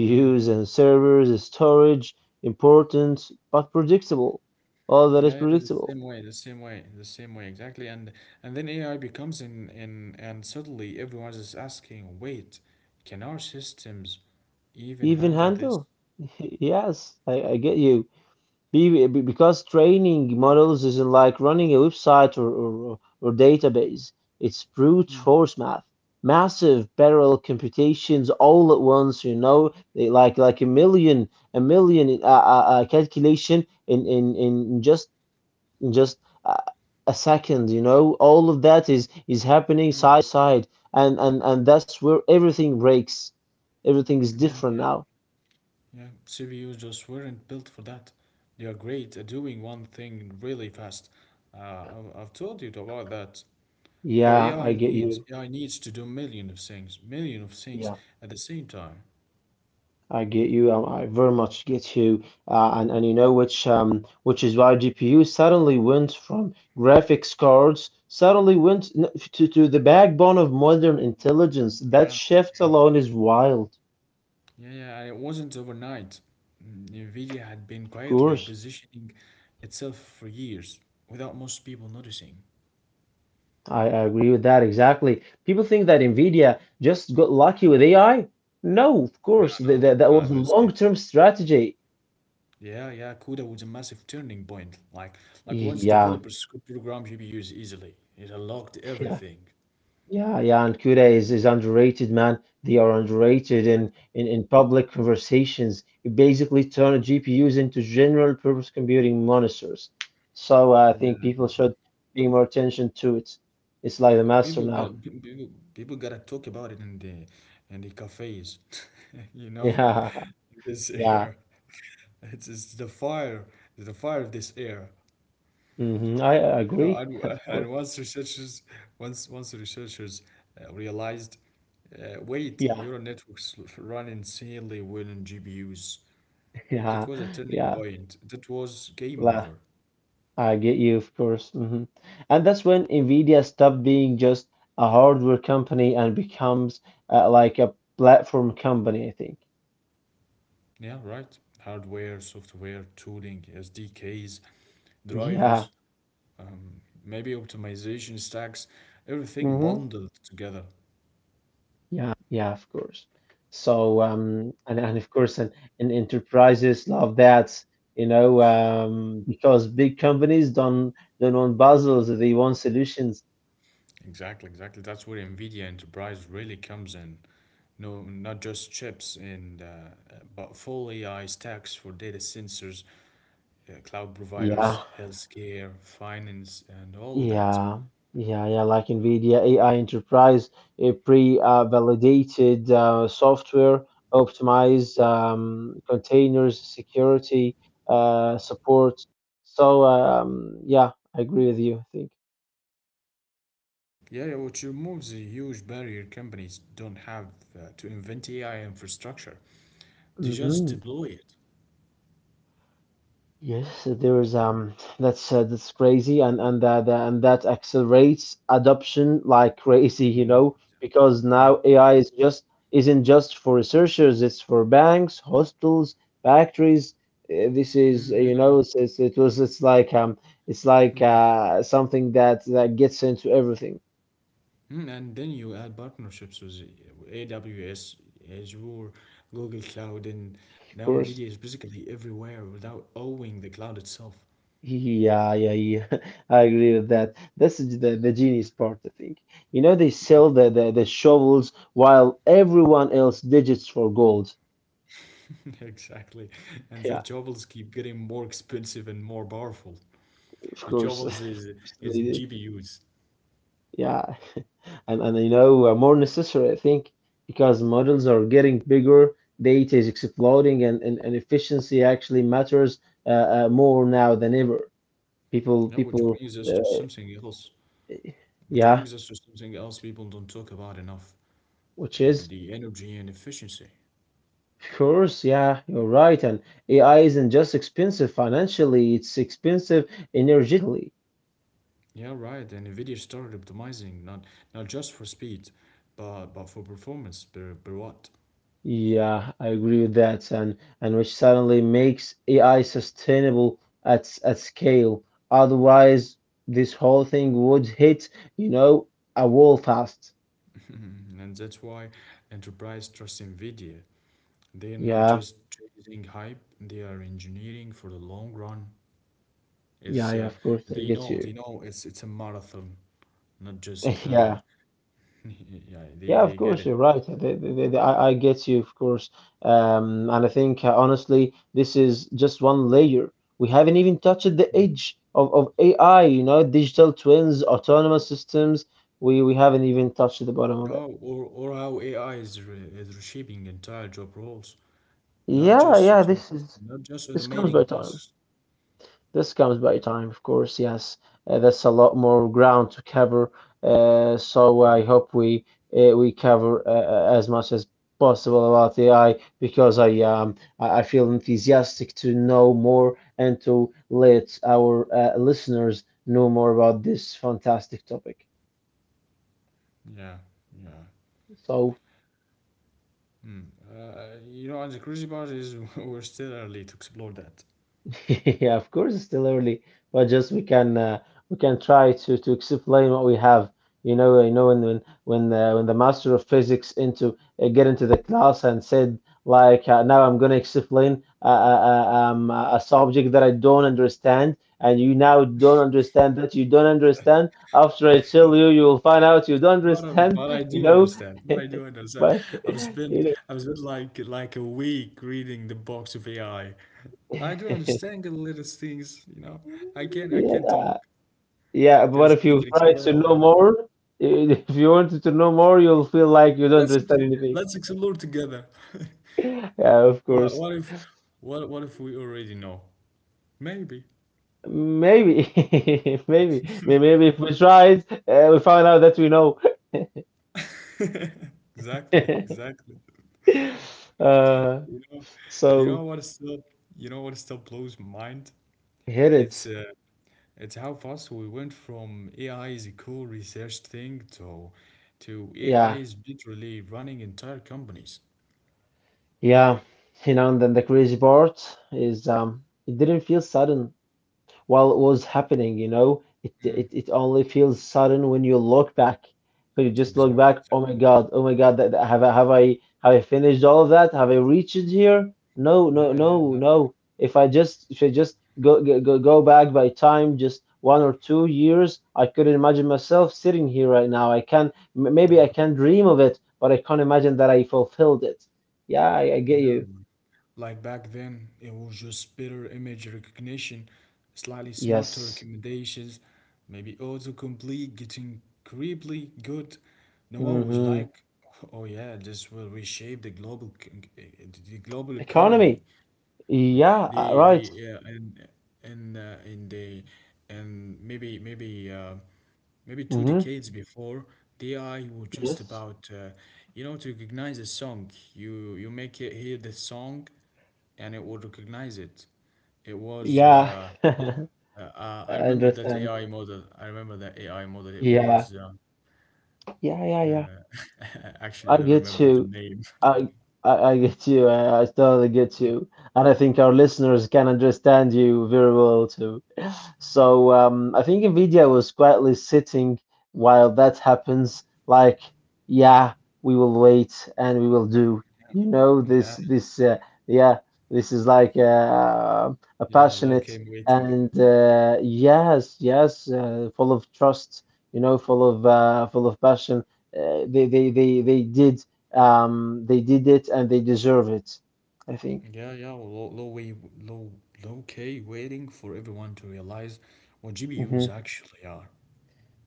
[SPEAKER 1] Mm.
[SPEAKER 2] and servers, storage, important but predictable. All that is
[SPEAKER 1] Yeah, yeah, the
[SPEAKER 2] predictable.
[SPEAKER 1] same way, the same way, the same way, exactly. And then AI becomes in, and suddenly everyone is asking, wait, can our systems even
[SPEAKER 2] Even
[SPEAKER 1] handle this?
[SPEAKER 2] handle. Yes, I get you. Because training models isn't like running a website, or database. It's brute
[SPEAKER 1] Mm,
[SPEAKER 2] force math. Massive parallel computations all at once, you know, like a million a million calculation in just in just uh, a second, you know. All of that is happening side
[SPEAKER 1] mm.
[SPEAKER 2] by side, and and that's where everything breaks. Everything is
[SPEAKER 1] Yeah,
[SPEAKER 2] different now.
[SPEAKER 1] yeah. Yeah, CPUs just weren't built for that. They are great at doing one thing really fast. Uh, I've told you about that. But
[SPEAKER 2] Yeah, I
[SPEAKER 1] AI
[SPEAKER 2] get you.
[SPEAKER 1] needs AI needs to do million of things at the same time.
[SPEAKER 2] I get you. I very much get you. And you know, which is why GPU suddenly went from graphics cards, to the backbone of modern intelligence. That
[SPEAKER 1] Yeah,
[SPEAKER 2] shift
[SPEAKER 1] yeah,
[SPEAKER 2] alone is wild.
[SPEAKER 1] yeah, yeah. And it wasn't overnight. Mm, Nvidia had been
[SPEAKER 2] Of
[SPEAKER 1] quietly
[SPEAKER 2] course,
[SPEAKER 1] positioning itself for years without most people noticing.
[SPEAKER 2] I agree with that exactly. People think that NVIDIA just got lucky with AI. No, of course,
[SPEAKER 1] No, no,
[SPEAKER 2] that was a
[SPEAKER 1] no, this is.
[SPEAKER 2] long-term strategy.
[SPEAKER 1] Yeah, yeah, CUDA was a massive turning point. Like once
[SPEAKER 2] Yeah.
[SPEAKER 1] developers could program GPUs easily, it unlocked everything.
[SPEAKER 2] Yeah, yeah, and Cuda is underrated, man. They are underrated
[SPEAKER 1] Yeah, exactly.
[SPEAKER 2] in public conversations. You basically turn GPUs into general purpose computing monitors. So I
[SPEAKER 1] And,
[SPEAKER 2] think people
[SPEAKER 1] uh,
[SPEAKER 2] should pay more attention to it. It's like the master
[SPEAKER 1] people
[SPEAKER 2] now.
[SPEAKER 1] got people gotta talk about it in the cafes, you know,
[SPEAKER 2] Yeah,
[SPEAKER 1] in this
[SPEAKER 2] yeah.
[SPEAKER 1] era. It's the fire of this era,
[SPEAKER 2] Hmm. I
[SPEAKER 1] you know.
[SPEAKER 2] agree,
[SPEAKER 1] And
[SPEAKER 2] of course.
[SPEAKER 1] and once researchers, once the researchers realized, wait,
[SPEAKER 2] Yeah,
[SPEAKER 1] neural networks run insanely well in GPUs. That
[SPEAKER 2] yeah,
[SPEAKER 1] was a turning
[SPEAKER 2] yeah.
[SPEAKER 1] point. That was game
[SPEAKER 2] La.
[SPEAKER 1] over.
[SPEAKER 2] I get you, of course. Hmm. And that's when Nvidia stopped being just a hardware company and becomes like a platform company, I think.
[SPEAKER 1] Yeah, right. Hardware, software, tooling, SDKs,
[SPEAKER 2] Yeah.
[SPEAKER 1] drivers, maybe optimization stacks, everything
[SPEAKER 2] Hmm.
[SPEAKER 1] bundled together.
[SPEAKER 2] Yeah. Yeah, of course. So, and of course, and enterprises love that, you know, because big companies don't want puzzles, they want solutions.
[SPEAKER 1] Exactly, exactly. That's where NVIDIA Enterprise really comes in. No, not just chips and but full AI stacks for data sensors, cloud
[SPEAKER 2] Yeah.
[SPEAKER 1] providers, healthcare, finance, and all of that.
[SPEAKER 2] Yeah, yeah, yeah. Like NVIDIA AI Enterprise, a pre-validated software, optimized containers, security, support. So yeah, I agree with you, I think.
[SPEAKER 1] Yeah, yeah, which removes a huge barrier companies don't have to invent AI infrastructure. They just
[SPEAKER 2] Hmm.
[SPEAKER 1] deploy it.
[SPEAKER 2] Yes, so there is that's crazy, and that and that accelerates adoption like crazy, you
[SPEAKER 1] Mm,
[SPEAKER 2] know, because now
[SPEAKER 1] yeah.
[SPEAKER 2] AI is just isn't just for researchers, it's for banks, hostels, factories. This is
[SPEAKER 1] Mm,
[SPEAKER 2] you
[SPEAKER 1] um,
[SPEAKER 2] know it's it was it's like It's like something that gets into everything,
[SPEAKER 1] and then you add partnerships with AWS, Azure, Google Cloud, and now
[SPEAKER 2] of
[SPEAKER 1] NVIDIA
[SPEAKER 2] course.
[SPEAKER 1] is basically everywhere without owning the cloud itself.
[SPEAKER 2] Yeah, yeah, yeah. I agree with that. This is the genius part, I think. You know, they sell the shovels while everyone else digits for gold.
[SPEAKER 1] Exactly. And the
[SPEAKER 2] Yeah,
[SPEAKER 1] jobs keep getting more expensive and more powerful.
[SPEAKER 2] of
[SPEAKER 1] The
[SPEAKER 2] course, of
[SPEAKER 1] jobs is,
[SPEAKER 2] course they
[SPEAKER 1] is
[SPEAKER 2] did.
[SPEAKER 1] GPUs.
[SPEAKER 2] Yeah, and you know, more necessary, I think, because models are getting bigger, data is exploding, and and efficiency actually matters more now than ever. People,
[SPEAKER 1] Now, which
[SPEAKER 2] people,
[SPEAKER 1] brings us to
[SPEAKER 2] uh,
[SPEAKER 1] something else. Which
[SPEAKER 2] yeah,
[SPEAKER 1] brings us to something else people don't talk about enough,
[SPEAKER 2] which is.
[SPEAKER 1] the energy and efficiency.
[SPEAKER 2] Of course, yeah, you're right. And AI isn't just expensive financially, it's expensive energetically.
[SPEAKER 1] Yeah, right. And NVIDIA started optimizing not just for speed, but for performance per watt.
[SPEAKER 2] Yeah, I agree with that. And which suddenly makes AI sustainable at scale. Otherwise, this whole thing would hit, you know, a wall fast.
[SPEAKER 1] And that's why enterprise trust NVIDIA. They are not
[SPEAKER 2] Yeah,
[SPEAKER 1] just chasing hype, they are engineering for the long run.
[SPEAKER 2] yeah,
[SPEAKER 1] It's
[SPEAKER 2] yeah, of course, I get you.
[SPEAKER 1] they know it's a marathon, not just
[SPEAKER 2] Yeah.
[SPEAKER 1] yeah,
[SPEAKER 2] Yeah,
[SPEAKER 1] they,
[SPEAKER 2] of
[SPEAKER 1] they
[SPEAKER 2] course,
[SPEAKER 1] get it.
[SPEAKER 2] you're right. I get you, of course. And I think, honestly, this is just one layer. We haven't even touched the
[SPEAKER 1] Mm.
[SPEAKER 2] edge of AI, you know, digital twins, autonomous systems. We haven't even touched the bottom of it.
[SPEAKER 1] Oh, or how AI is reshaping entire job roles. Not
[SPEAKER 2] Yeah,
[SPEAKER 1] just
[SPEAKER 2] yeah,
[SPEAKER 1] auto
[SPEAKER 2] this is
[SPEAKER 1] not just
[SPEAKER 2] this comes
[SPEAKER 1] automating
[SPEAKER 2] by time.
[SPEAKER 1] tasks.
[SPEAKER 2] This comes by time, of course, yes. That's a lot more ground to cover. So I
[SPEAKER 1] Yeah,
[SPEAKER 2] hope we cover as much as possible about AI because I feel enthusiastic to know more and to let our listeners know more about this fantastic topic.
[SPEAKER 1] yeah. yeah.
[SPEAKER 2] So
[SPEAKER 1] Hmm. You know, and the crazy part is we're still early to explore that.
[SPEAKER 2] yeah, of course, it's still early, but just we can try to explain what we have. You know when when the master of physics into get into the class and said like now I'm going to explain a subject that I don't understand, and you now don't understand that you don't understand. After I tell you, you will find out you don't
[SPEAKER 1] But, uh,
[SPEAKER 2] understand.
[SPEAKER 1] but I
[SPEAKER 2] You
[SPEAKER 1] do
[SPEAKER 2] know,
[SPEAKER 1] understand. But I do understand.
[SPEAKER 2] but
[SPEAKER 1] I've
[SPEAKER 2] you
[SPEAKER 1] spent I've spent like a week reading the box of AI. I do
[SPEAKER 2] know.
[SPEAKER 1] understand the latest things. You know, I can talk,
[SPEAKER 2] Yeah, but
[SPEAKER 1] can
[SPEAKER 2] if you
[SPEAKER 1] speak, and
[SPEAKER 2] try to
[SPEAKER 1] explain all
[SPEAKER 2] know
[SPEAKER 1] them.
[SPEAKER 2] more, if you wanted to know more, you'll feel like you don't
[SPEAKER 1] Let's
[SPEAKER 2] understand
[SPEAKER 1] ex-
[SPEAKER 2] anything.
[SPEAKER 1] let's explore together.
[SPEAKER 2] Yeah, of course.
[SPEAKER 1] What what if what if we already know? Maybe.
[SPEAKER 2] Maybe, maybe, maybe if we tried, we found out that we know.
[SPEAKER 1] Exactly, exactly.
[SPEAKER 2] Uh,
[SPEAKER 1] You know, you know
[SPEAKER 2] so
[SPEAKER 1] what is still, you know what still blows my mind?
[SPEAKER 2] hit
[SPEAKER 1] It's
[SPEAKER 2] it.
[SPEAKER 1] uh, it's how fast we went from AI is a cool research thing to
[SPEAKER 2] Yeah,
[SPEAKER 1] AI is literally running entire companies.
[SPEAKER 2] yeah. You know, and then the crazy part is it didn't feel sudden. While it was happening, you know. It only feels sudden when you look back. When you just look back,
[SPEAKER 1] Exactly, exactly.
[SPEAKER 2] Oh my God, that, have I finished all of that? Have I reached it here? No, no,
[SPEAKER 1] Yeah,
[SPEAKER 2] no,
[SPEAKER 1] yeah, yeah,
[SPEAKER 2] no. If I just go back by time, just 1 or 2 years, I could not imagine myself sitting here right now. Maybe I can dream of it, but I can't imagine that I fulfilled it. Yeah, I get
[SPEAKER 1] yeah, yeah.
[SPEAKER 2] you.
[SPEAKER 1] Like back then, it was just better image recognition, slightly smarter
[SPEAKER 2] Yes.
[SPEAKER 1] recommendations, maybe autocomplete getting creepily good. No one was
[SPEAKER 2] Mm-hmm.
[SPEAKER 1] like, oh yeah, this will reshape the global economy.
[SPEAKER 2] Economy.
[SPEAKER 1] May-
[SPEAKER 2] Yeah, right.
[SPEAKER 1] The and in the and maybe maybe maybe two
[SPEAKER 2] Hmm.
[SPEAKER 1] decades before the AI was just
[SPEAKER 2] Yes.
[SPEAKER 1] about you know to recognize a song. You make it hear the song, and it would recognize it. It was
[SPEAKER 2] Yeah. I
[SPEAKER 1] I remember that
[SPEAKER 2] understand.
[SPEAKER 1] AI model. I remember that AI model. It
[SPEAKER 2] Yeah.
[SPEAKER 1] was
[SPEAKER 2] Yeah, yeah, yeah.
[SPEAKER 1] uh,
[SPEAKER 2] I
[SPEAKER 1] actually I don't
[SPEAKER 2] get
[SPEAKER 1] remember
[SPEAKER 2] you.
[SPEAKER 1] the name.
[SPEAKER 2] I I get you. I totally get
[SPEAKER 1] Yeah,
[SPEAKER 2] you. And I think our listeners can understand you very well too. So I think Nvidia was quietly sitting while that happens, like, yeah, we will wait and we will do. You know, this
[SPEAKER 1] yeah,
[SPEAKER 2] this yeah, this is like a
[SPEAKER 1] yeah. Law
[SPEAKER 2] passionate
[SPEAKER 1] came waiting.
[SPEAKER 2] and yes, yes, full of trust. You know, full of passion. They did they did it and they deserve it. I think.
[SPEAKER 1] Yeah, yeah, low, low key waiting for everyone to realize what
[SPEAKER 2] Hmm.
[SPEAKER 1] GPUs actually are.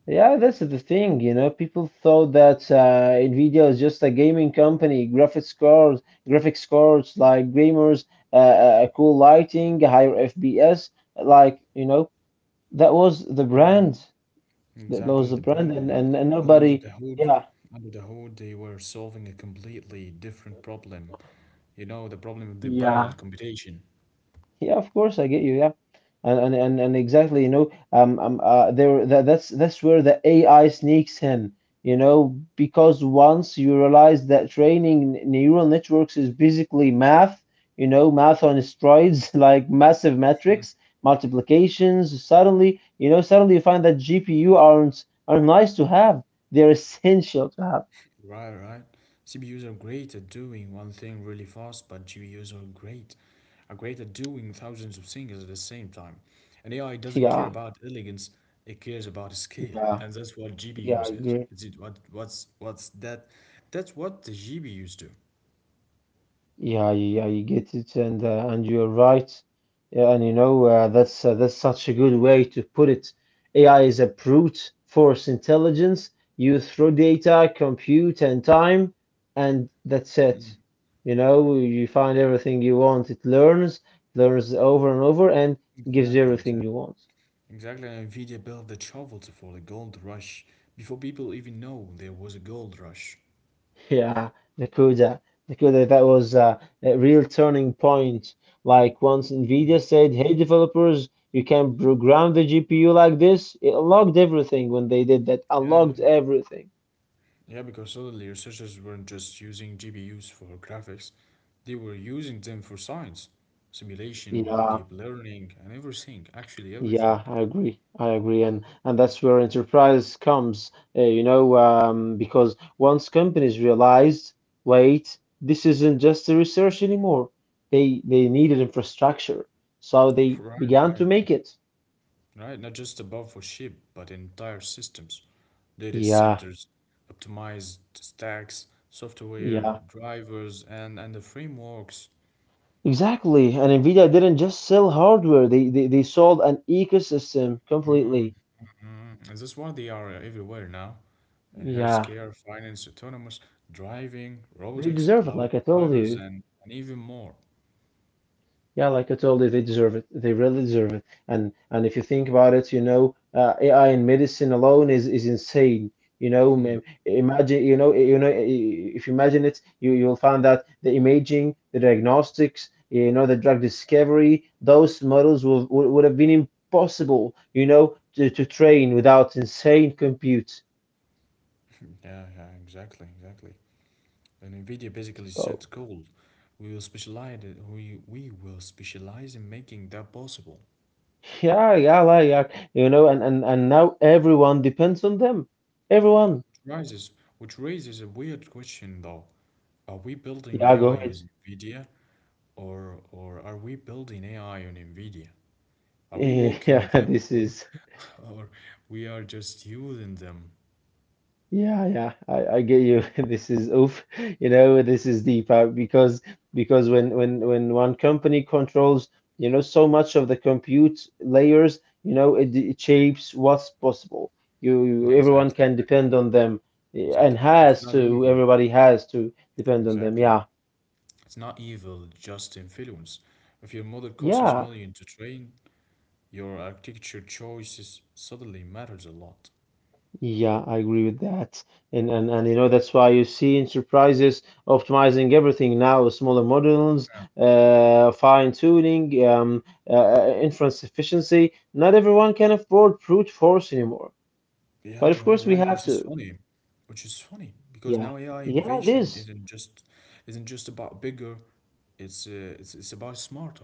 [SPEAKER 2] Yeah, that's the thing, you know. People thought that Nvidia is just a gaming company, graphics cards like gamers, cool lighting, higher FPS, like you know, that was the
[SPEAKER 1] Yeah,
[SPEAKER 2] brand. That was the
[SPEAKER 1] exactly the
[SPEAKER 2] brand,
[SPEAKER 1] brand,
[SPEAKER 2] and
[SPEAKER 1] but
[SPEAKER 2] and, and
[SPEAKER 1] but under
[SPEAKER 2] nobody,
[SPEAKER 1] the hood,
[SPEAKER 2] yeah,
[SPEAKER 1] under the hood, they were solving a completely different problem. You know, the problem of the parallel
[SPEAKER 2] yeah,
[SPEAKER 1] computation.
[SPEAKER 2] yeah, of course, I get you. Yeah, and exactly, you know, there that's where the AI sneaks in, you know, because once you realize that training neural networks is basically math, you know, math on strides, like massive metrics, multiplications. Suddenly, you know, suddenly you find that GPU aren't nice to have. They're essential to have.
[SPEAKER 1] Right, right. CPUs are great at doing one thing really fast, but GPUs are great. Are great at doing thousands of things at the same time. And AI doesn't care
[SPEAKER 2] Yeah,
[SPEAKER 1] about elegance, it cares about scale.
[SPEAKER 2] yeah,
[SPEAKER 1] And that's what
[SPEAKER 2] yeah. I
[SPEAKER 1] GPUs is.
[SPEAKER 2] agree.
[SPEAKER 1] It's it what what's that that's what the GPUs do.
[SPEAKER 2] Yeah, I get it, and and you're right. Yeah, and you know that's such a good way to put it. AI is a brute force intelligence. You throw data, compute, and time, and that's it. You know, you find everything you want. It learns, learns over and over, and gives you
[SPEAKER 1] Exactly,
[SPEAKER 2] everything
[SPEAKER 1] exactly.
[SPEAKER 2] you want.
[SPEAKER 1] Exactly, and Nvidia built the shovels for the gold rush before people even know there was a gold rush.
[SPEAKER 2] Yeah, Nakuda. Nakuda, that was a real turning point. Like once NVIDIA said, hey developers, you can program the GPU like this, it unlocked everything when they did that,
[SPEAKER 1] Yeah,
[SPEAKER 2] unlocked everything.
[SPEAKER 1] Yeah, because suddenly researchers weren't just using GPUs for graphics, they were using them for science, simulation,
[SPEAKER 2] Yeah,
[SPEAKER 1] deep learning, and everything, actually
[SPEAKER 2] yeah,
[SPEAKER 1] everything.
[SPEAKER 2] I agree. I agree. And that's where enterprise comes, you know, because once companies realized, wait, this isn't just a research anymore. They needed infrastructure. So they
[SPEAKER 1] Right,
[SPEAKER 2] began
[SPEAKER 1] right,
[SPEAKER 2] to
[SPEAKER 1] right.
[SPEAKER 2] make it.
[SPEAKER 1] Right, not just above for ship, but entire systems, data
[SPEAKER 2] Yeah.
[SPEAKER 1] centers, optimized stacks, software,
[SPEAKER 2] Yeah,
[SPEAKER 1] drivers, and the frameworks.
[SPEAKER 2] exactly. And NVIDIA didn't just sell hardware, they sold an ecosystem completely.
[SPEAKER 1] Mm, mm. And that's why they are everywhere now.
[SPEAKER 2] Yeah,
[SPEAKER 1] Healthcare, finance, autonomous driving,
[SPEAKER 2] they
[SPEAKER 1] robotics,
[SPEAKER 2] deserve it, like I
[SPEAKER 1] cloud
[SPEAKER 2] told you.
[SPEAKER 1] providers, and even more.
[SPEAKER 2] Yeah, like I told you, they deserve it. They really deserve it. And if you think about it, you know, AI in medicine alone is insane. You know,
[SPEAKER 1] Hmm.
[SPEAKER 2] imagine, you know, if you imagine it, you you'll find that the imaging, the diagnostics, you know, the drug discovery, those models would have been impossible, you know, to train without insane compute.
[SPEAKER 1] Yeah, yeah, exactly, exactly. And NVIDIA basically
[SPEAKER 2] So
[SPEAKER 1] set goal. We will specialize. We will specialize in making that possible.
[SPEAKER 2] yeah, yeah, like yeah, you know, and now everyone depends on them. Everyone.
[SPEAKER 1] Rises, which raises a weird question though. Are we building
[SPEAKER 2] Yeah, go
[SPEAKER 1] AI
[SPEAKER 2] ahead.
[SPEAKER 1] with NVIDIA, or are we building AI on NVIDIA? Are we working
[SPEAKER 2] Yeah,
[SPEAKER 1] with them,
[SPEAKER 2] this
[SPEAKER 1] or
[SPEAKER 2] is
[SPEAKER 1] or we are just using them?
[SPEAKER 2] yeah, yeah. I get you. This is oof. You know, this is deep because when when one company controls, you know, so much of the compute layers, you know, it shapes what's possible. You everyone
[SPEAKER 1] Exactly,
[SPEAKER 2] can depend
[SPEAKER 1] exactly.
[SPEAKER 2] on them and
[SPEAKER 1] Exactly. It's
[SPEAKER 2] has
[SPEAKER 1] not
[SPEAKER 2] to.
[SPEAKER 1] evil.
[SPEAKER 2] Everybody has to depend on them. Yeah,
[SPEAKER 1] Exactly. It's not evil, just influence. If your mother costs a
[SPEAKER 2] yeah.
[SPEAKER 1] million to train, your architecture choices suddenly matters a lot.
[SPEAKER 2] Yeah, I agree with that. And you know that's why you see enterprises optimizing everything now, smaller models, fine-tuning, inference efficiency. Not everyone can afford brute force anymore.
[SPEAKER 1] Yeah,
[SPEAKER 2] But
[SPEAKER 1] yeah,
[SPEAKER 2] of course
[SPEAKER 1] yeah,
[SPEAKER 2] we
[SPEAKER 1] right.
[SPEAKER 2] have
[SPEAKER 1] Which is
[SPEAKER 2] to.
[SPEAKER 1] funny, because
[SPEAKER 2] Yeah.
[SPEAKER 1] now AI
[SPEAKER 2] Yeah,
[SPEAKER 1] innovation
[SPEAKER 2] this.
[SPEAKER 1] isn't just about bigger. It's about smarter.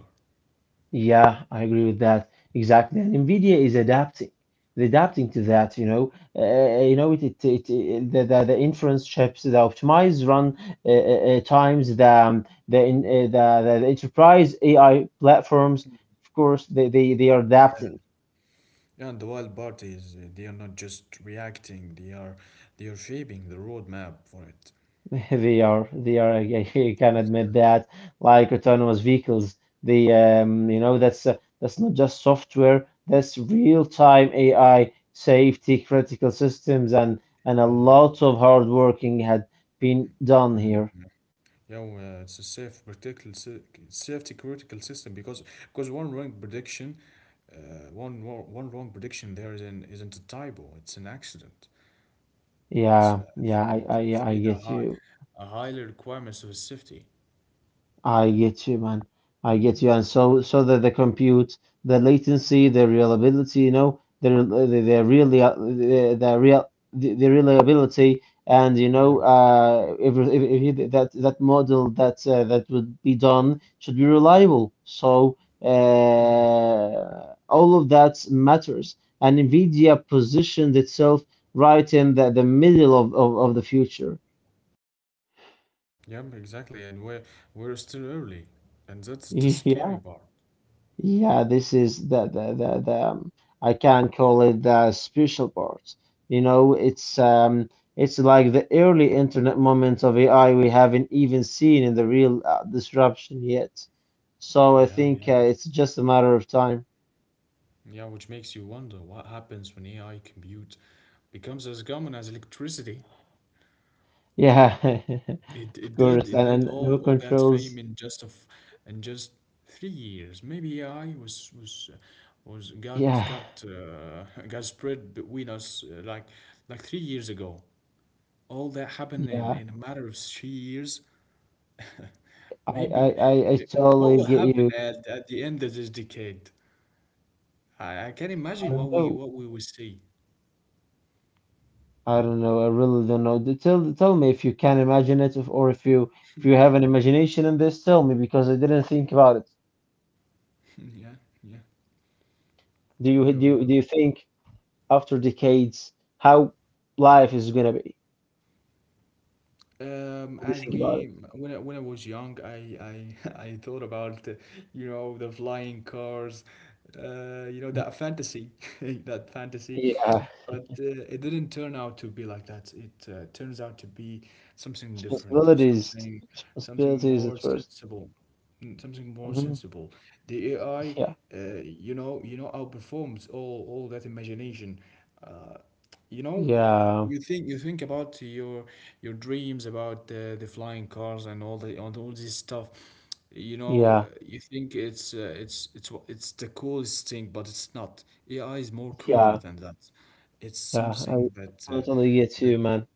[SPEAKER 2] Yeah, I agree with that. Exactly. And NVIDIA is adapting. They're adapting to that, you know. You know, the inference chips, the optimized run times, the, in, the, the enterprise AI platforms, of course, they are adapting.
[SPEAKER 1] Yeah, and the wild part is, they are not just reacting. They are shaping the roadmap for it.
[SPEAKER 2] They are, they are. I can admit that, like autonomous vehicles, you know, that's not just software. That's real-time AI, safety, critical systems, and a
[SPEAKER 1] Yeah.
[SPEAKER 2] lot of hard working had been done here.
[SPEAKER 1] Yeah, well, it's a safety critical system because one wrong prediction, one wo- one wrong prediction there isn't a typo. It's an accident. It's, uh,
[SPEAKER 2] Yeah,
[SPEAKER 1] it's
[SPEAKER 2] yeah, I,
[SPEAKER 1] it- it's
[SPEAKER 2] I, I
[SPEAKER 1] need a
[SPEAKER 2] get
[SPEAKER 1] high
[SPEAKER 2] you.
[SPEAKER 1] a higher requirements of safety.
[SPEAKER 2] I get you, man. I get you. And so, so that the compute, the latency, the reliability, you know, the rel- the really the real the reliability, and you
[SPEAKER 1] Yeah.
[SPEAKER 2] know, if that model that would be done should be reliable. So, uh, all of that matters. And NVIDIA positioned itself right in the middle of the future.
[SPEAKER 1] Yeah, exactly. And we're still early, and that's the scary
[SPEAKER 2] Yeah.
[SPEAKER 1] part.
[SPEAKER 2] Yeah, this is the I can call it the special part. You know, it's like the early internet moments of AI we haven't even seen in the real disruption yet. So I
[SPEAKER 1] Yeah, yeah,
[SPEAKER 2] think it's just a matter of time.
[SPEAKER 1] which makes you wonder what happens when AI compute becomes as common as electricity.
[SPEAKER 2] Yeah,
[SPEAKER 1] It
[SPEAKER 2] of
[SPEAKER 1] it did
[SPEAKER 2] course,
[SPEAKER 1] it did
[SPEAKER 2] and
[SPEAKER 1] all
[SPEAKER 2] who
[SPEAKER 1] all that
[SPEAKER 2] controls?
[SPEAKER 1] fame in just of in just 3 years. Maybe I was
[SPEAKER 2] Yeah,
[SPEAKER 1] got got spread between us, like 3 years ago. All that happened in
[SPEAKER 2] yeah,
[SPEAKER 1] in a matter of 3 years.
[SPEAKER 2] I I
[SPEAKER 1] Maybe
[SPEAKER 2] I, I
[SPEAKER 1] what will
[SPEAKER 2] totally get
[SPEAKER 1] happen
[SPEAKER 2] you.
[SPEAKER 1] at the end of this decade? I can imagine
[SPEAKER 2] I
[SPEAKER 1] what
[SPEAKER 2] don't
[SPEAKER 1] we
[SPEAKER 2] know.
[SPEAKER 1] what we will see.
[SPEAKER 2] I don't know. I really don't know. Tell tell me if you can imagine it, if, or if you have an imagination in this, tell me because I didn't think about it.
[SPEAKER 1] Yeah, yeah. You you know.
[SPEAKER 2] Do you think after decades how life is gonna be? What do you
[SPEAKER 1] As
[SPEAKER 2] think about it?
[SPEAKER 1] we when I was young, I thought about the flying cars, you know that
[SPEAKER 2] Mhm.
[SPEAKER 1] fantasy, that fantasy,
[SPEAKER 2] Yeah,
[SPEAKER 1] but it didn't turn out to be like that. It, turns out to be something different,
[SPEAKER 2] responsibilities,
[SPEAKER 1] something
[SPEAKER 2] responsibilities at
[SPEAKER 1] more
[SPEAKER 2] 1st.
[SPEAKER 1] sensible, mm, something more
[SPEAKER 2] Mm-hmm.
[SPEAKER 1] sensible. The AI,
[SPEAKER 2] Yeah,
[SPEAKER 1] uh, outperforms all that imagination. Uh, you know,
[SPEAKER 2] yeah,
[SPEAKER 1] you think you think about your dreams about the flying cars and all the and all this stuff. You know,
[SPEAKER 2] yeah,
[SPEAKER 1] you think it's the coolest thing, but it's not. AI is more cooler
[SPEAKER 2] yeah,
[SPEAKER 1] than that. It's
[SPEAKER 2] yeah. I
[SPEAKER 1] something that uh,
[SPEAKER 2] totally get
[SPEAKER 1] that
[SPEAKER 2] you, man.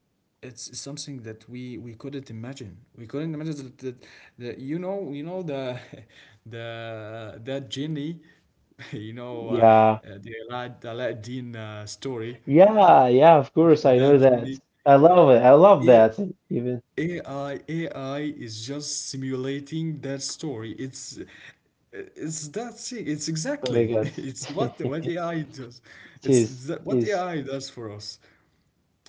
[SPEAKER 1] it's something that we couldn't imagine. We couldn't imagine that the the that genie you know uh, uh,
[SPEAKER 2] Yeah,
[SPEAKER 1] the Aladdin story,
[SPEAKER 2] yeah, yeah. Of course, I know
[SPEAKER 1] that's
[SPEAKER 2] that.
[SPEAKER 1] unique.
[SPEAKER 2] I love it. I love that. Even.
[SPEAKER 1] A- AI, AI is just simulating that story. It's that thing. It's
[SPEAKER 2] Oh
[SPEAKER 1] exactly
[SPEAKER 2] my God.
[SPEAKER 1] it's what AI does.
[SPEAKER 2] It
[SPEAKER 1] It's
[SPEAKER 2] is,
[SPEAKER 1] that,
[SPEAKER 2] it
[SPEAKER 1] what
[SPEAKER 2] is.
[SPEAKER 1] AI does for us.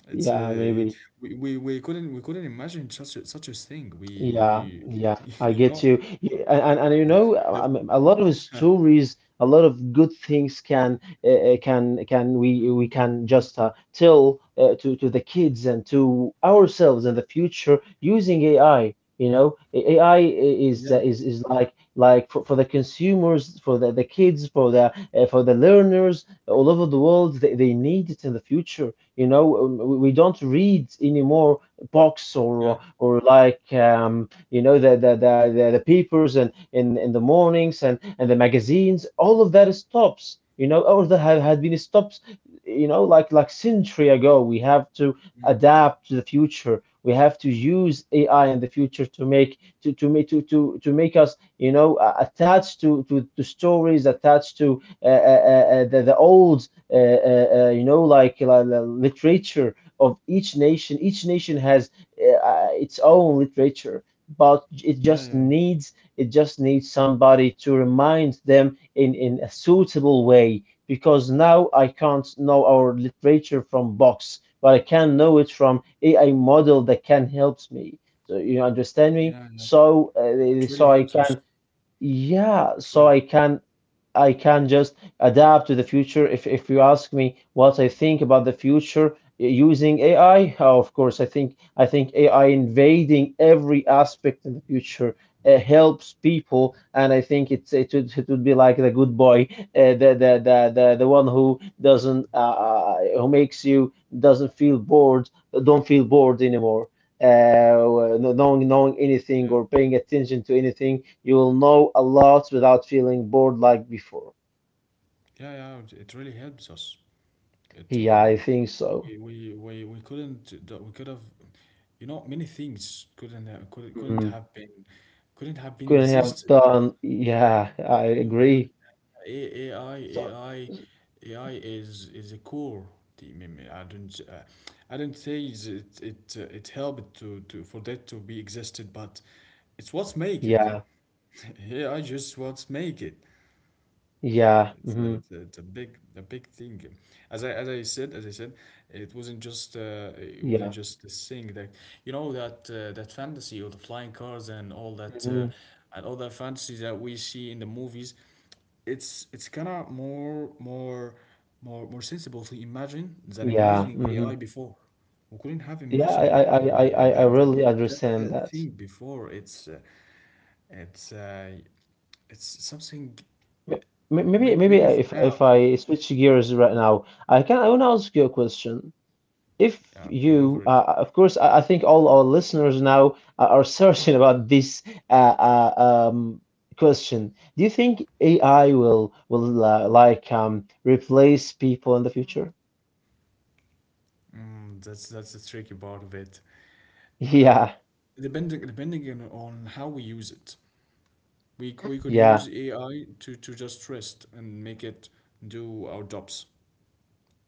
[SPEAKER 1] It's
[SPEAKER 2] Yeah, maybe.
[SPEAKER 1] we couldn't imagine such a thing. We
[SPEAKER 2] Yeah,
[SPEAKER 1] we
[SPEAKER 2] yeah, I
[SPEAKER 1] you
[SPEAKER 2] get
[SPEAKER 1] know,
[SPEAKER 2] you. Y- And, and,
[SPEAKER 1] you
[SPEAKER 2] and
[SPEAKER 1] know
[SPEAKER 2] you know, I
[SPEAKER 1] the
[SPEAKER 2] mean, a lot of stories, a lot of good things can we can just tell to the kids and to ourselves in the future using AI. You know, AI is
[SPEAKER 1] yeah,
[SPEAKER 2] is like for the consumers, for the kids, for the learners all over the world. They need it in the future. You know, We don't read anymore box
[SPEAKER 1] yeah,
[SPEAKER 2] or like you know the papers and in the mornings and the magazines, all of that stops, you know, all that had, had been stops, you know, like century ago. We have to
[SPEAKER 1] mm,
[SPEAKER 2] adapt to the future. We have to use AI in the future to make to make to make us you know attached to stories attached to the old you know like literature of each nation. Each nation has its own literature, but it
[SPEAKER 1] yeah,
[SPEAKER 2] just
[SPEAKER 1] yeah,
[SPEAKER 2] needs it just needs somebody to remind them in a suitable way. Because now I can't know our literature from books, but I can know it from AI model that can help me. So you understand
[SPEAKER 1] yeah,
[SPEAKER 2] me?
[SPEAKER 1] yeah. Yeah.
[SPEAKER 2] So
[SPEAKER 1] It
[SPEAKER 2] so
[SPEAKER 1] really
[SPEAKER 2] I
[SPEAKER 1] helps us.
[SPEAKER 2] can yeah,
[SPEAKER 1] It really,
[SPEAKER 2] so I can just adapt to the future. If you ask me what I think about the future using AI, oh, of course, I think AI invading every aspect in the future helps people, and I think it would be like the good boy, the one who doesn't who makes you doesn't feel bored, don't feel bored anymore, knowing anything
[SPEAKER 1] yeah,
[SPEAKER 2] or paying attention to anything. You will know a lot without feeling bored like before.
[SPEAKER 1] yeah, yeah. It really helps us. It
[SPEAKER 2] Yeah, I think so.
[SPEAKER 1] we couldn't do- we could have, many things couldn't
[SPEAKER 2] Mhm.
[SPEAKER 1] have been
[SPEAKER 2] Couldn't have
[SPEAKER 1] existed.
[SPEAKER 2] done. Yeah, I
[SPEAKER 1] You know, yeah,
[SPEAKER 2] agree.
[SPEAKER 1] A- AI
[SPEAKER 2] So
[SPEAKER 1] AI AI is a core. The meme. I don't say is it it it helped to for that to be existed, but it's what's make it.
[SPEAKER 2] yeah,
[SPEAKER 1] AI just what's make it.
[SPEAKER 2] yeah,
[SPEAKER 1] It's a,
[SPEAKER 2] hmm
[SPEAKER 1] it's a, it's a big a big thing. As I said, it wasn't just uh, it
[SPEAKER 2] yeah,
[SPEAKER 1] wasn't just this thing that that fantasy of the flying cars and
[SPEAKER 2] hmm
[SPEAKER 1] all that fantasy that we see in the movies. It's kind of more sensible to imagine than
[SPEAKER 2] yeah,
[SPEAKER 1] imagining the
[SPEAKER 2] hmm
[SPEAKER 1] AI before. We couldn't have
[SPEAKER 2] yeah.
[SPEAKER 1] imagined the
[SPEAKER 2] I
[SPEAKER 1] that that
[SPEAKER 2] really
[SPEAKER 1] that,
[SPEAKER 2] understand
[SPEAKER 1] that
[SPEAKER 2] that.
[SPEAKER 1] thing before. It's uh, it's something,
[SPEAKER 2] M- m-
[SPEAKER 1] maybe
[SPEAKER 2] Maybe, maybe
[SPEAKER 1] maybe for
[SPEAKER 2] if
[SPEAKER 1] now.
[SPEAKER 2] if I switch gears right now, I can. I want to ask you a question. If
[SPEAKER 1] Yeah, okay, go for
[SPEAKER 2] you,
[SPEAKER 1] it.
[SPEAKER 2] Of course, I think all our listeners now are searching about this uh, uh, um, question. Do you think AI will replace people in the future?
[SPEAKER 1] Mm, that's the tricky part of it. Uh,
[SPEAKER 2] Yeah,
[SPEAKER 1] depending on how we use it, we could use
[SPEAKER 2] yeah,
[SPEAKER 1] AI to just rest and make it do our jobs,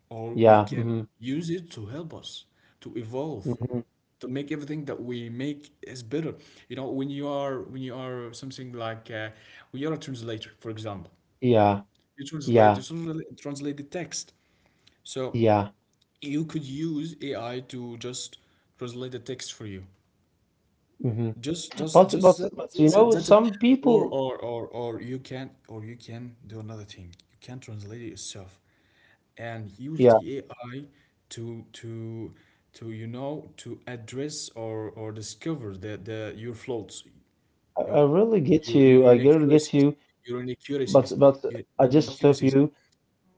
[SPEAKER 1] or we
[SPEAKER 2] yeah,
[SPEAKER 1] can
[SPEAKER 2] hmm
[SPEAKER 1] use it to help us to evolve,
[SPEAKER 2] hmm
[SPEAKER 1] to make everything that we make is better. You know, when you are something like when you are a translator, for example.
[SPEAKER 2] yeah,
[SPEAKER 1] you translate you
[SPEAKER 2] yeah,
[SPEAKER 1] translate translate the text. So
[SPEAKER 2] yeah.
[SPEAKER 1] you could use AI to just translate the text for you.
[SPEAKER 2] Hmm.
[SPEAKER 1] Just just
[SPEAKER 2] But
[SPEAKER 1] just
[SPEAKER 2] but
[SPEAKER 1] that,
[SPEAKER 2] but you
[SPEAKER 1] that's it.
[SPEAKER 2] know,
[SPEAKER 1] That's it.
[SPEAKER 2] some people,
[SPEAKER 1] Or you can do another thing. You can translate it yourself and use
[SPEAKER 2] yeah,
[SPEAKER 1] the AI to to to you know to address or discover the your flaws,
[SPEAKER 2] I,
[SPEAKER 1] you
[SPEAKER 2] I
[SPEAKER 1] know,
[SPEAKER 2] really get you.
[SPEAKER 1] your
[SPEAKER 2] I really get
[SPEAKER 1] inaccuracies,
[SPEAKER 2] you.
[SPEAKER 1] your inaccuracies,
[SPEAKER 2] But
[SPEAKER 1] your the
[SPEAKER 2] I just stop
[SPEAKER 1] inaccuracies.
[SPEAKER 2] you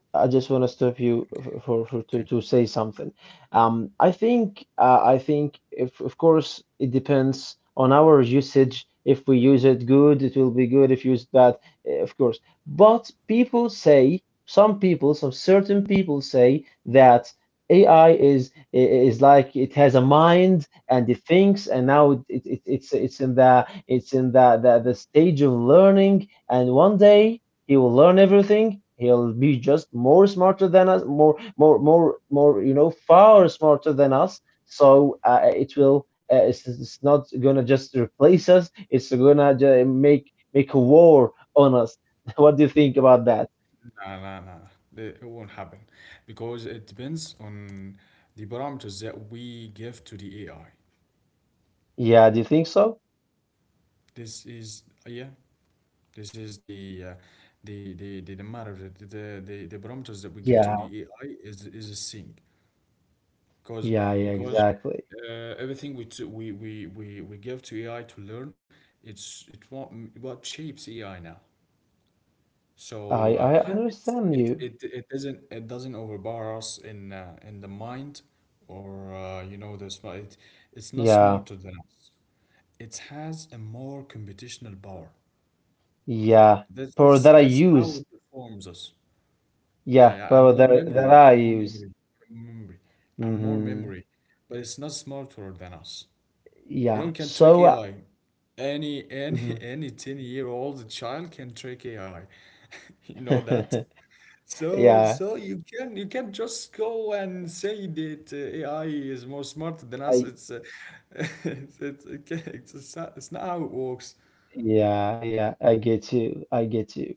[SPEAKER 2] I just want to stop you
[SPEAKER 1] Okay, okay.
[SPEAKER 2] to say something. I think if of course it depends on our usage. If we use it good, it will be good. If used bad, eh, of course. But people say, some people, some certain people say that AI is like it has a mind and it thinks, and now it's in the stage of learning, and one day he will learn everything. He'll be just more smarter than us, more, more, more, more. You know, far smarter than us. So it will. It's not gonna just replace us. It's gonna make a war on us. What do you think about that?
[SPEAKER 1] Nah, nah, nah. It won't happen because it depends on the parameters that we give to the AI.
[SPEAKER 2] Yeah, do you think so?
[SPEAKER 1] This is, yeah, this is the matter that the parameters that we give to
[SPEAKER 2] Yeah,
[SPEAKER 1] the AI is a thing because
[SPEAKER 2] yeah, yeah,
[SPEAKER 1] because
[SPEAKER 2] exactly.
[SPEAKER 1] everything we, t- we give to AI to learn, it's it what shapes AI now. So uh,
[SPEAKER 2] I
[SPEAKER 1] it's,
[SPEAKER 2] understand
[SPEAKER 1] it,
[SPEAKER 2] you.
[SPEAKER 1] it it doesn't overpower us in, in the mind or it's not
[SPEAKER 2] Yeah,
[SPEAKER 1] smarter than us. It has a more computational power.
[SPEAKER 2] yeah.
[SPEAKER 1] This
[SPEAKER 2] Power
[SPEAKER 1] this
[SPEAKER 2] that I
[SPEAKER 1] this how
[SPEAKER 2] use.
[SPEAKER 1] it performs us. Yeah,
[SPEAKER 2] Yeah,
[SPEAKER 1] yeah, and
[SPEAKER 2] power
[SPEAKER 1] more
[SPEAKER 2] that
[SPEAKER 1] memory,
[SPEAKER 2] I
[SPEAKER 1] and more
[SPEAKER 2] use.
[SPEAKER 1] memory, and more memory, and more
[SPEAKER 2] Mm-hmm.
[SPEAKER 1] memory. But it's not smarter than us. You know,
[SPEAKER 2] Yeah.
[SPEAKER 1] we can trick
[SPEAKER 2] So,
[SPEAKER 1] AI. Any
[SPEAKER 2] mhm.
[SPEAKER 1] any 10-year-old child can trick AI. You know that? So,
[SPEAKER 2] Yeah,
[SPEAKER 1] so you can't just go and say that, AI is more smart than us.
[SPEAKER 2] I
[SPEAKER 1] It's It's not how it works.
[SPEAKER 2] yeah, I get you. I get you.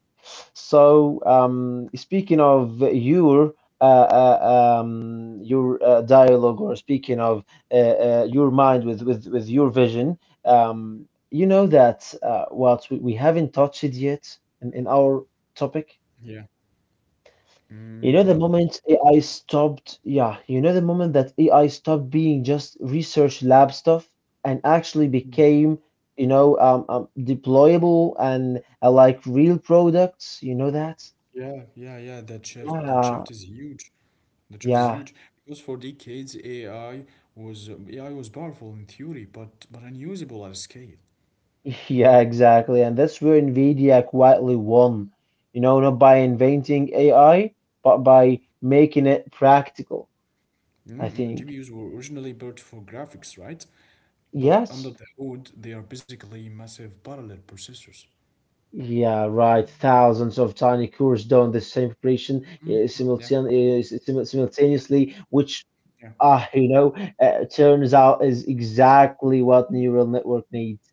[SPEAKER 2] So, speaking of your your dialogue, or speaking of your mind with with your vision, you know that what we haven't touched it yet in our topic.
[SPEAKER 1] Yeah. Mm,
[SPEAKER 2] You know, the
[SPEAKER 1] what?
[SPEAKER 2] moment AI stopped, yeah, you know, the moment that AI stopped being just research lab stuff and actually became, you know, deployable and like real products, you know that?
[SPEAKER 1] Yeah, yeah, yeah. That shift
[SPEAKER 2] Yeah,
[SPEAKER 1] is huge. The shift is
[SPEAKER 2] yeah,
[SPEAKER 1] huge because for decades AI was, AI was powerful in theory, but unusable at scale.
[SPEAKER 2] yeah, exactly. And that's where NVIDIA quietly won, you know, not by inventing AI, but by making it practical, I think.
[SPEAKER 1] GPUs were originally built for graphics, right? But under
[SPEAKER 2] Yes,
[SPEAKER 1] the hood, they are basically massive parallel processors.
[SPEAKER 2] yeah, right. Thousands of tiny cores doing the same operation
[SPEAKER 1] Yeah.
[SPEAKER 2] simultaneously, which,
[SPEAKER 1] Yeah.
[SPEAKER 2] you know, turns out is exactly what neural network needs.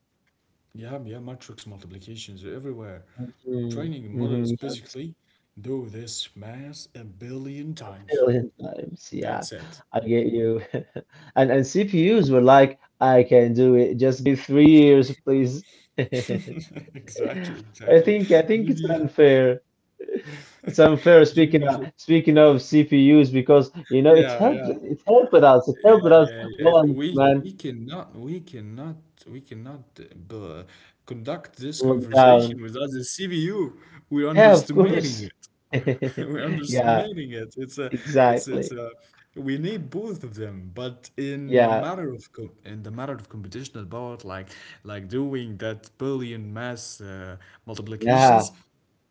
[SPEAKER 1] Yeah, yeah, matrix multiplications are everywhere.
[SPEAKER 2] Mm-hmm.
[SPEAKER 1] Training a model is
[SPEAKER 2] Mm-hmm.
[SPEAKER 1] basically do this math a billion
[SPEAKER 2] Yes,
[SPEAKER 1] times.
[SPEAKER 2] billion times. Yeah,
[SPEAKER 1] That's it.
[SPEAKER 2] I get you. And CPUs were like, I can do it. Just give 3 years, please.
[SPEAKER 1] Exactly,
[SPEAKER 2] I
[SPEAKER 1] exactly.
[SPEAKER 2] think I think it's
[SPEAKER 1] GPU,
[SPEAKER 2] unfair. It's unfair
[SPEAKER 1] GPUs.
[SPEAKER 2] speaking of CPUs because you know it
[SPEAKER 1] Yeah,
[SPEAKER 2] helped
[SPEAKER 1] yeah.
[SPEAKER 2] it helped us it helped
[SPEAKER 1] Yeah,
[SPEAKER 2] us
[SPEAKER 1] yeah, yeah. It's,
[SPEAKER 2] once man
[SPEAKER 1] we cannot we cannot we cannot conduct this
[SPEAKER 2] lockdown
[SPEAKER 1] conversation without the CPU. We're
[SPEAKER 2] yeah of
[SPEAKER 1] underestimating
[SPEAKER 2] course
[SPEAKER 1] it. We're
[SPEAKER 2] yeah
[SPEAKER 1] underestimating it. It's a it's it's
[SPEAKER 2] exactly
[SPEAKER 1] a We need both of them, but in the
[SPEAKER 2] yeah
[SPEAKER 1] matter of co in the matter of computational power, like doing that billion mass multiplications,
[SPEAKER 2] yeah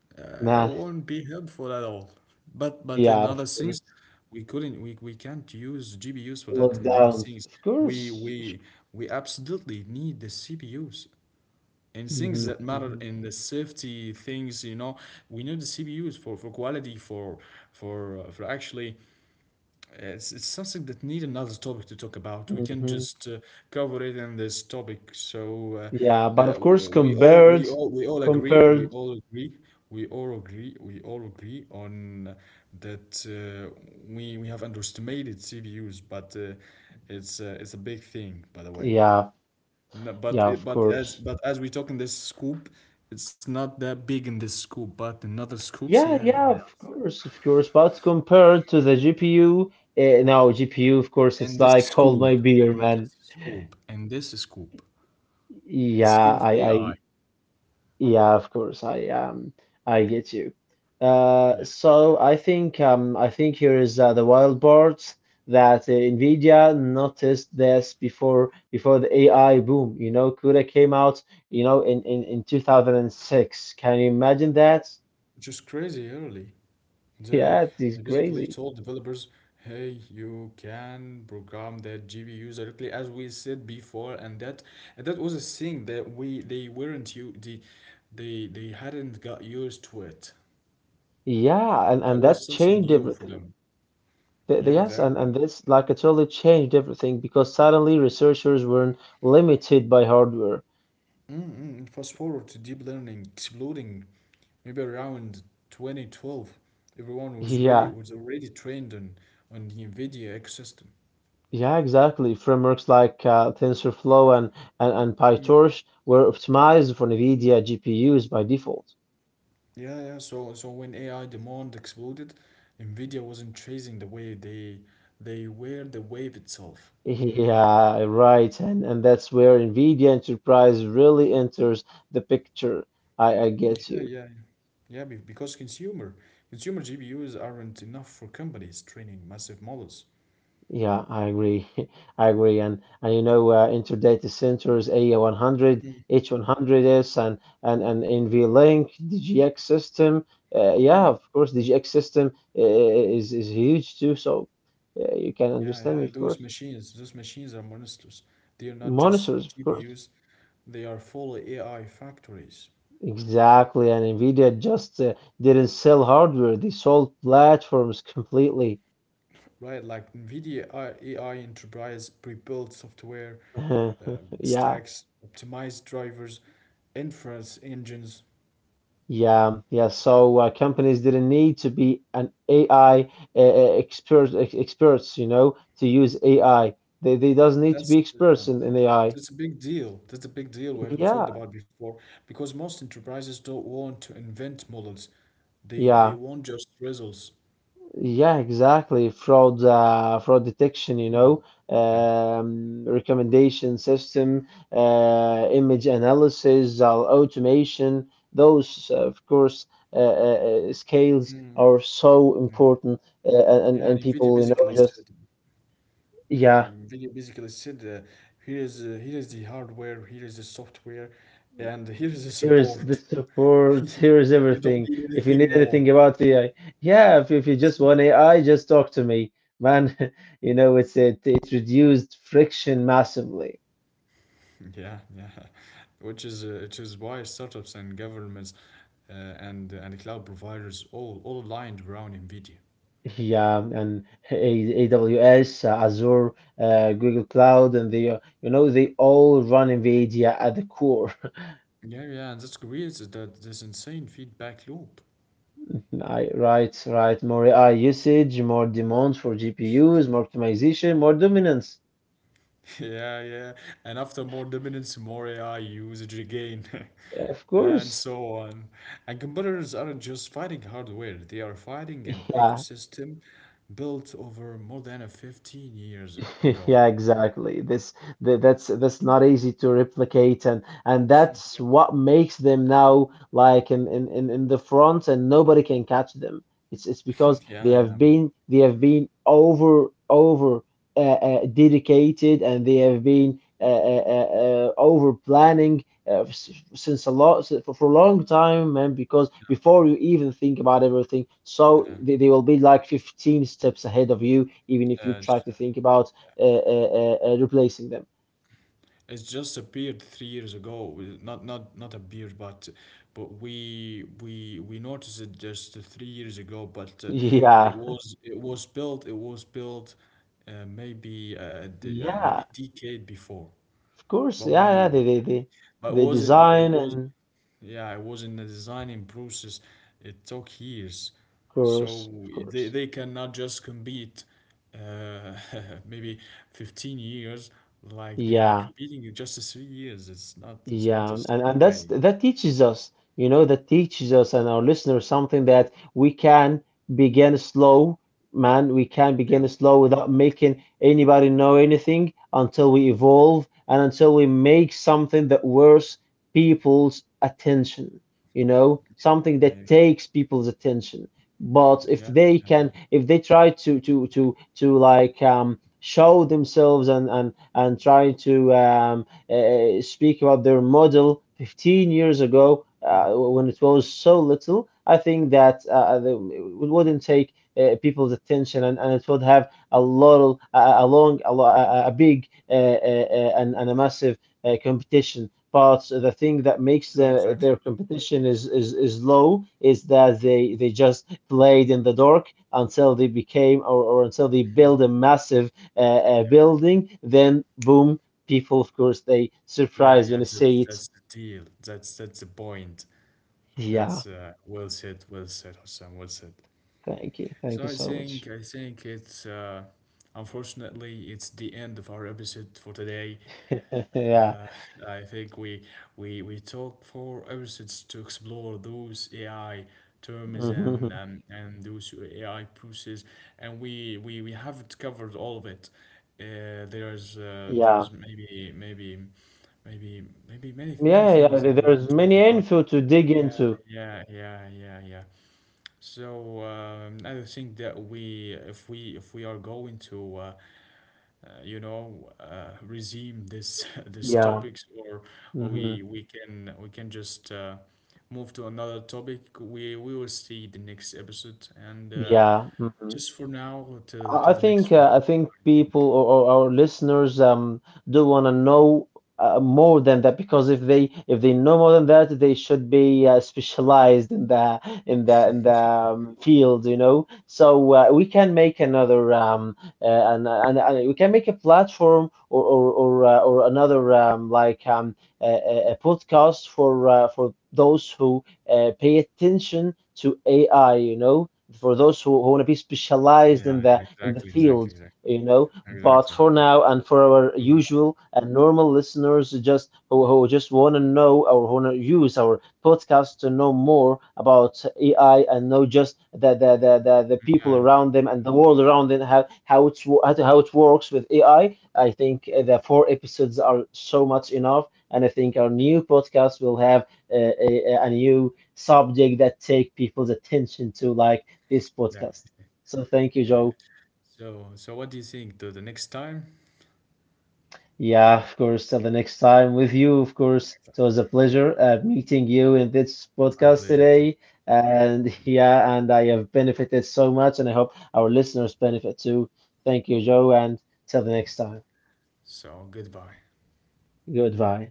[SPEAKER 2] nah
[SPEAKER 1] won't be helpful at all. But in
[SPEAKER 2] yeah
[SPEAKER 1] other
[SPEAKER 2] of
[SPEAKER 1] things
[SPEAKER 2] course
[SPEAKER 1] we couldn't we can't use GPUs for that in other
[SPEAKER 2] lockdown
[SPEAKER 1] things.
[SPEAKER 2] of
[SPEAKER 1] We
[SPEAKER 2] course
[SPEAKER 1] we we absolutely need the CPUs in things
[SPEAKER 2] hmm
[SPEAKER 1] that matter,
[SPEAKER 2] hmm
[SPEAKER 1] in the safety things, you know. We need the CPUs for quality, for actually, it's something that need another topic to talk about. We can
[SPEAKER 2] hmm
[SPEAKER 1] just, cover it in this topic. So
[SPEAKER 2] yeah
[SPEAKER 1] uh,
[SPEAKER 2] but
[SPEAKER 1] uh,
[SPEAKER 2] of course
[SPEAKER 1] we we all we
[SPEAKER 2] compared
[SPEAKER 1] all we all agree. We
[SPEAKER 2] compared
[SPEAKER 1] all agree. We all agree. We all agree on that we have underestimated CPUs, but it's a big thing, by the way.
[SPEAKER 2] yeah
[SPEAKER 1] No, but
[SPEAKER 2] yeah
[SPEAKER 1] it,
[SPEAKER 2] of
[SPEAKER 1] but as
[SPEAKER 2] course.
[SPEAKER 1] but as we talk in this scoop, it's not that big in this scoop. But in other scoops,
[SPEAKER 2] Yeah,
[SPEAKER 1] yeah,
[SPEAKER 2] yeah,
[SPEAKER 1] yeah,
[SPEAKER 2] of course, of course. But compared to the GPU, now GPU, of course, it's
[SPEAKER 1] and this
[SPEAKER 2] like hold
[SPEAKER 1] scoop,
[SPEAKER 2] my beer,
[SPEAKER 1] and
[SPEAKER 2] man.
[SPEAKER 1] this scoop, and this scoop. It's
[SPEAKER 2] Yeah,
[SPEAKER 1] scoop of
[SPEAKER 2] I, I,
[SPEAKER 1] AI.
[SPEAKER 2] yeah, of course, I get you.
[SPEAKER 1] Yeah.
[SPEAKER 2] So I think here is the wild part that Nvidia noticed this before the AI boom. You know, CUDA came out, you know, in 2006. Can you imagine that?
[SPEAKER 1] Which is crazy early. They,
[SPEAKER 2] Yeah,
[SPEAKER 1] they
[SPEAKER 2] it's
[SPEAKER 1] basically
[SPEAKER 2] crazy.
[SPEAKER 1] told developers, hey, you can program that GPU directly as we said before, and that was a thing that we they weren't you they hadn't got used to it.
[SPEAKER 2] Yeah,
[SPEAKER 1] That
[SPEAKER 2] and
[SPEAKER 1] was
[SPEAKER 2] that
[SPEAKER 1] something
[SPEAKER 2] changed
[SPEAKER 1] new for
[SPEAKER 2] everything.
[SPEAKER 1] them. Yeah,
[SPEAKER 2] Yes,
[SPEAKER 1] exactly.
[SPEAKER 2] and this like it totally changed everything because suddenly researchers weren't limited by hardware.
[SPEAKER 1] Mm-mm. Fast forward to deep learning exploding, maybe around 2012, everyone was ready
[SPEAKER 2] Yeah,
[SPEAKER 1] was already trained on the NVIDIA ecosystem.
[SPEAKER 2] yeah, exactly. Frameworks like TensorFlow and PyTorch were optimized for NVIDIA GPUs by default.
[SPEAKER 1] Yeah, yeah. So when AI demand exploded, NVIDIA wasn't chasing the wave; they were the wave itself.
[SPEAKER 2] Yeah, right. And that's where NVIDIA Enterprise really enters the picture. I get
[SPEAKER 1] Yeah,
[SPEAKER 2] you.
[SPEAKER 1] yeah, yeah. Because consumer GPUs aren't enough for companies training massive models.
[SPEAKER 2] Yeah, I agree. I agree. And you know, Intel data Centers, A100, H100S, and NVLink, DGX system. Yeah,
[SPEAKER 1] Mm-hmm.
[SPEAKER 2] of course, DGX system is huge too. So you can
[SPEAKER 1] Yeah,
[SPEAKER 2] understand me,
[SPEAKER 1] yeah,
[SPEAKER 2] of course.
[SPEAKER 1] those machines are monsters. They are not just
[SPEAKER 2] Monitors, of
[SPEAKER 1] G P
[SPEAKER 2] course.
[SPEAKER 1] U's. They are full AI factories,
[SPEAKER 2] Exactly. And NVIDIA just didn't sell hardware; they sold platforms completely.
[SPEAKER 1] right? Like NVIDIA AI Enterprise pre-built software,
[SPEAKER 2] Yeah.
[SPEAKER 1] stacks, optimized drivers, inference engines.
[SPEAKER 2] Yeah, yeah. So companies didn't need to be an AI experts, you know, to use AI. They doesn't need to
[SPEAKER 1] That's
[SPEAKER 2] be
[SPEAKER 1] uh,
[SPEAKER 2] experts in AI.
[SPEAKER 1] that's a big deal. That's a big deal we haven't talked
[SPEAKER 2] Yeah,
[SPEAKER 1] about before because most enterprises don't want to invent models. They
[SPEAKER 2] yeah,
[SPEAKER 1] want just results.
[SPEAKER 2] yeah. Exactly. Fraud, fraud detection, you know,
[SPEAKER 1] Yeah.
[SPEAKER 2] recommendation system, image analysis, automation. Those, of course, scales
[SPEAKER 1] Mm,
[SPEAKER 2] are so
[SPEAKER 1] yeah.
[SPEAKER 2] important,
[SPEAKER 1] Yeah, and
[SPEAKER 2] and
[SPEAKER 1] NVIDIA
[SPEAKER 2] people, you know,
[SPEAKER 1] basically
[SPEAKER 2] just.
[SPEAKER 1] said.
[SPEAKER 2] Yeah,
[SPEAKER 1] Um, video basically said, uh, Here is, here is the hardware, here is the software, and here is the
[SPEAKER 2] here's the
[SPEAKER 1] support.
[SPEAKER 2] support. Here's
[SPEAKER 1] You don't
[SPEAKER 2] everything.
[SPEAKER 1] need
[SPEAKER 2] If
[SPEAKER 1] anything
[SPEAKER 2] you need
[SPEAKER 1] more.
[SPEAKER 2] anything about AI, yeah. If you just want AI, just talk to me, man. You know, it's it it reduced friction massively.
[SPEAKER 1] Yeah, yeah. Which is why startups and governments, and cloud providers, all aligned around NVIDIA.
[SPEAKER 2] Yeah, and AWS, Azure, Google Cloud, and they, you know, they all run NVIDIA at the core.
[SPEAKER 1] Yeah, yeah, and that creates that this insane feedback loop.
[SPEAKER 2] I, right, right. More AI usage, more demand for GPUs, more optimization, more dominance.
[SPEAKER 1] Yeah, yeah. And after more dominance, more AI usage again,
[SPEAKER 2] Of
[SPEAKER 1] and
[SPEAKER 2] course.
[SPEAKER 1] so on. And competitors aren't just fighting hardware, they are fighting an
[SPEAKER 2] Yeah,
[SPEAKER 1] ecosystem built over more than a 15 years ago.
[SPEAKER 2] yeah, exactly. This th That's not easy to replicate and that's what makes them now like in the front and nobody can catch them. It's
[SPEAKER 1] Yeah,
[SPEAKER 2] because they
[SPEAKER 1] yeah,
[SPEAKER 2] have been they have been over dedicated and they have been over planning since a lot for a long time, man, because before you even think about everything, so
[SPEAKER 1] yeah.
[SPEAKER 2] they will be like 15 steps ahead of you, even if
[SPEAKER 1] Yeah.
[SPEAKER 2] you
[SPEAKER 1] Uh,
[SPEAKER 2] try
[SPEAKER 1] so,
[SPEAKER 2] to think about replacing them.
[SPEAKER 1] it's just appeared 3 years ago. Not not appeared, but we noticed it just 3 years ago. But it
[SPEAKER 2] Yeah,
[SPEAKER 1] was it was built it was built maybe
[SPEAKER 2] yeah,
[SPEAKER 1] decade before.
[SPEAKER 2] of course.
[SPEAKER 1] But
[SPEAKER 2] Yeah, yeah,
[SPEAKER 1] we but it
[SPEAKER 2] they
[SPEAKER 1] wasn't but it
[SPEAKER 2] design
[SPEAKER 1] was
[SPEAKER 2] and
[SPEAKER 1] yeah, I was in the designing process. It took years.
[SPEAKER 2] of course, of
[SPEAKER 1] So they,
[SPEAKER 2] course.
[SPEAKER 1] they cannot just compete, uh, maybe 15 years like they are
[SPEAKER 2] Yeah.
[SPEAKER 1] competing in just the 3 years. It's not it's
[SPEAKER 2] Yeah,
[SPEAKER 1] not the same
[SPEAKER 2] and that's
[SPEAKER 1] way.
[SPEAKER 2] that teaches us, you know, that teaches us and our listeners something that we can begin slow, man. We can begin
[SPEAKER 1] Yeah.
[SPEAKER 2] slow without making anybody know anything until we evolve and until we make something that worth people's attention, you know, something that
[SPEAKER 1] Yeah.
[SPEAKER 2] takes people's attention. But if
[SPEAKER 1] Yeah.
[SPEAKER 2] they
[SPEAKER 1] Yeah. Yeah.
[SPEAKER 2] can, if they try to like show themselves and try to speak about their model 15 years ago
[SPEAKER 1] Mm.
[SPEAKER 2] when it was so little, I think that it wouldn't take people's attention and it would have a lot a a big and a massive competition. But the thing that makes
[SPEAKER 1] Yeah,
[SPEAKER 2] their
[SPEAKER 1] exactly.
[SPEAKER 2] competition is low is that they just played in the dark until they became or until they build a massive
[SPEAKER 1] Yeah.
[SPEAKER 2] building. Then boom, people, of course, they surprised
[SPEAKER 1] Yeah,
[SPEAKER 2] when
[SPEAKER 1] yeah,
[SPEAKER 2] I
[SPEAKER 1] that's
[SPEAKER 2] say it.
[SPEAKER 1] that's the deal. That's the point.
[SPEAKER 2] Yeah,
[SPEAKER 1] That's Well said, well said, Hassan, well said.
[SPEAKER 2] thank you. Thank you
[SPEAKER 1] So, I
[SPEAKER 2] so much.
[SPEAKER 1] think I think it's unfortunately it's the end of our episode for today.
[SPEAKER 2] Yeah,
[SPEAKER 1] Uh, I think we talked for episodes to explore those AI terms
[SPEAKER 2] hmm
[SPEAKER 1] and, and those AI process, and we haven't covered all of it. Uh, there's uh,
[SPEAKER 2] yeah,
[SPEAKER 1] there's maybe many
[SPEAKER 2] yeah,
[SPEAKER 1] many
[SPEAKER 2] yeah.
[SPEAKER 1] things that we
[SPEAKER 2] There's
[SPEAKER 1] haven't
[SPEAKER 2] many
[SPEAKER 1] talked about.
[SPEAKER 2] info to dig into.
[SPEAKER 1] Yeah, yeah, yeah, yeah, yeah. So, I think that, if we are going to, resume this this
[SPEAKER 2] Yeah,
[SPEAKER 1] topics, or, or
[SPEAKER 2] hmm
[SPEAKER 1] we we can we can just, move to another topic. We will see the next episode, and,
[SPEAKER 2] yeah. Mhm.
[SPEAKER 1] just for now, till
[SPEAKER 2] I
[SPEAKER 1] till the
[SPEAKER 2] think
[SPEAKER 1] next one,
[SPEAKER 2] I think
[SPEAKER 1] I think.
[SPEAKER 2] people or our listeners do want to know more than that because if they know more than that they should be specialized in the field, you know, so we can make another and we can make a platform or another a a podcast for those who pay attention to AI, you know, for those who want to be specialized
[SPEAKER 1] Yeah, yeah,
[SPEAKER 2] in the
[SPEAKER 1] exactly,
[SPEAKER 2] field,
[SPEAKER 1] exactly, exactly,
[SPEAKER 2] you know, but
[SPEAKER 1] exactly.
[SPEAKER 2] for now and for our
[SPEAKER 1] Oh,
[SPEAKER 2] usual and normal listeners just who just want to know or want to use our podcast to know more about AI and know just the
[SPEAKER 1] yeah,
[SPEAKER 2] people around them and the world around them how how it works with AI. I think the 4 episodes are so much enough and I think our new podcast will have a new subject that take people's attention to like this
[SPEAKER 1] yeah,
[SPEAKER 2] podcast. So thank you,
[SPEAKER 1] yeah. Yeah.
[SPEAKER 2] Joe.
[SPEAKER 1] So what do you think? To the next time?
[SPEAKER 2] Yeah, of course. Till the next time with you, of course. It was a
[SPEAKER 1] Okay,
[SPEAKER 2] pleasure meeting you in this
[SPEAKER 1] my
[SPEAKER 2] podcast
[SPEAKER 1] pleasure too.
[SPEAKER 2] today. And yeah, and I have benefited so much, and I hope our listeners benefit too. Thank you, Joe, and till the next time.
[SPEAKER 1] So goodbye.
[SPEAKER 2] Goodbye.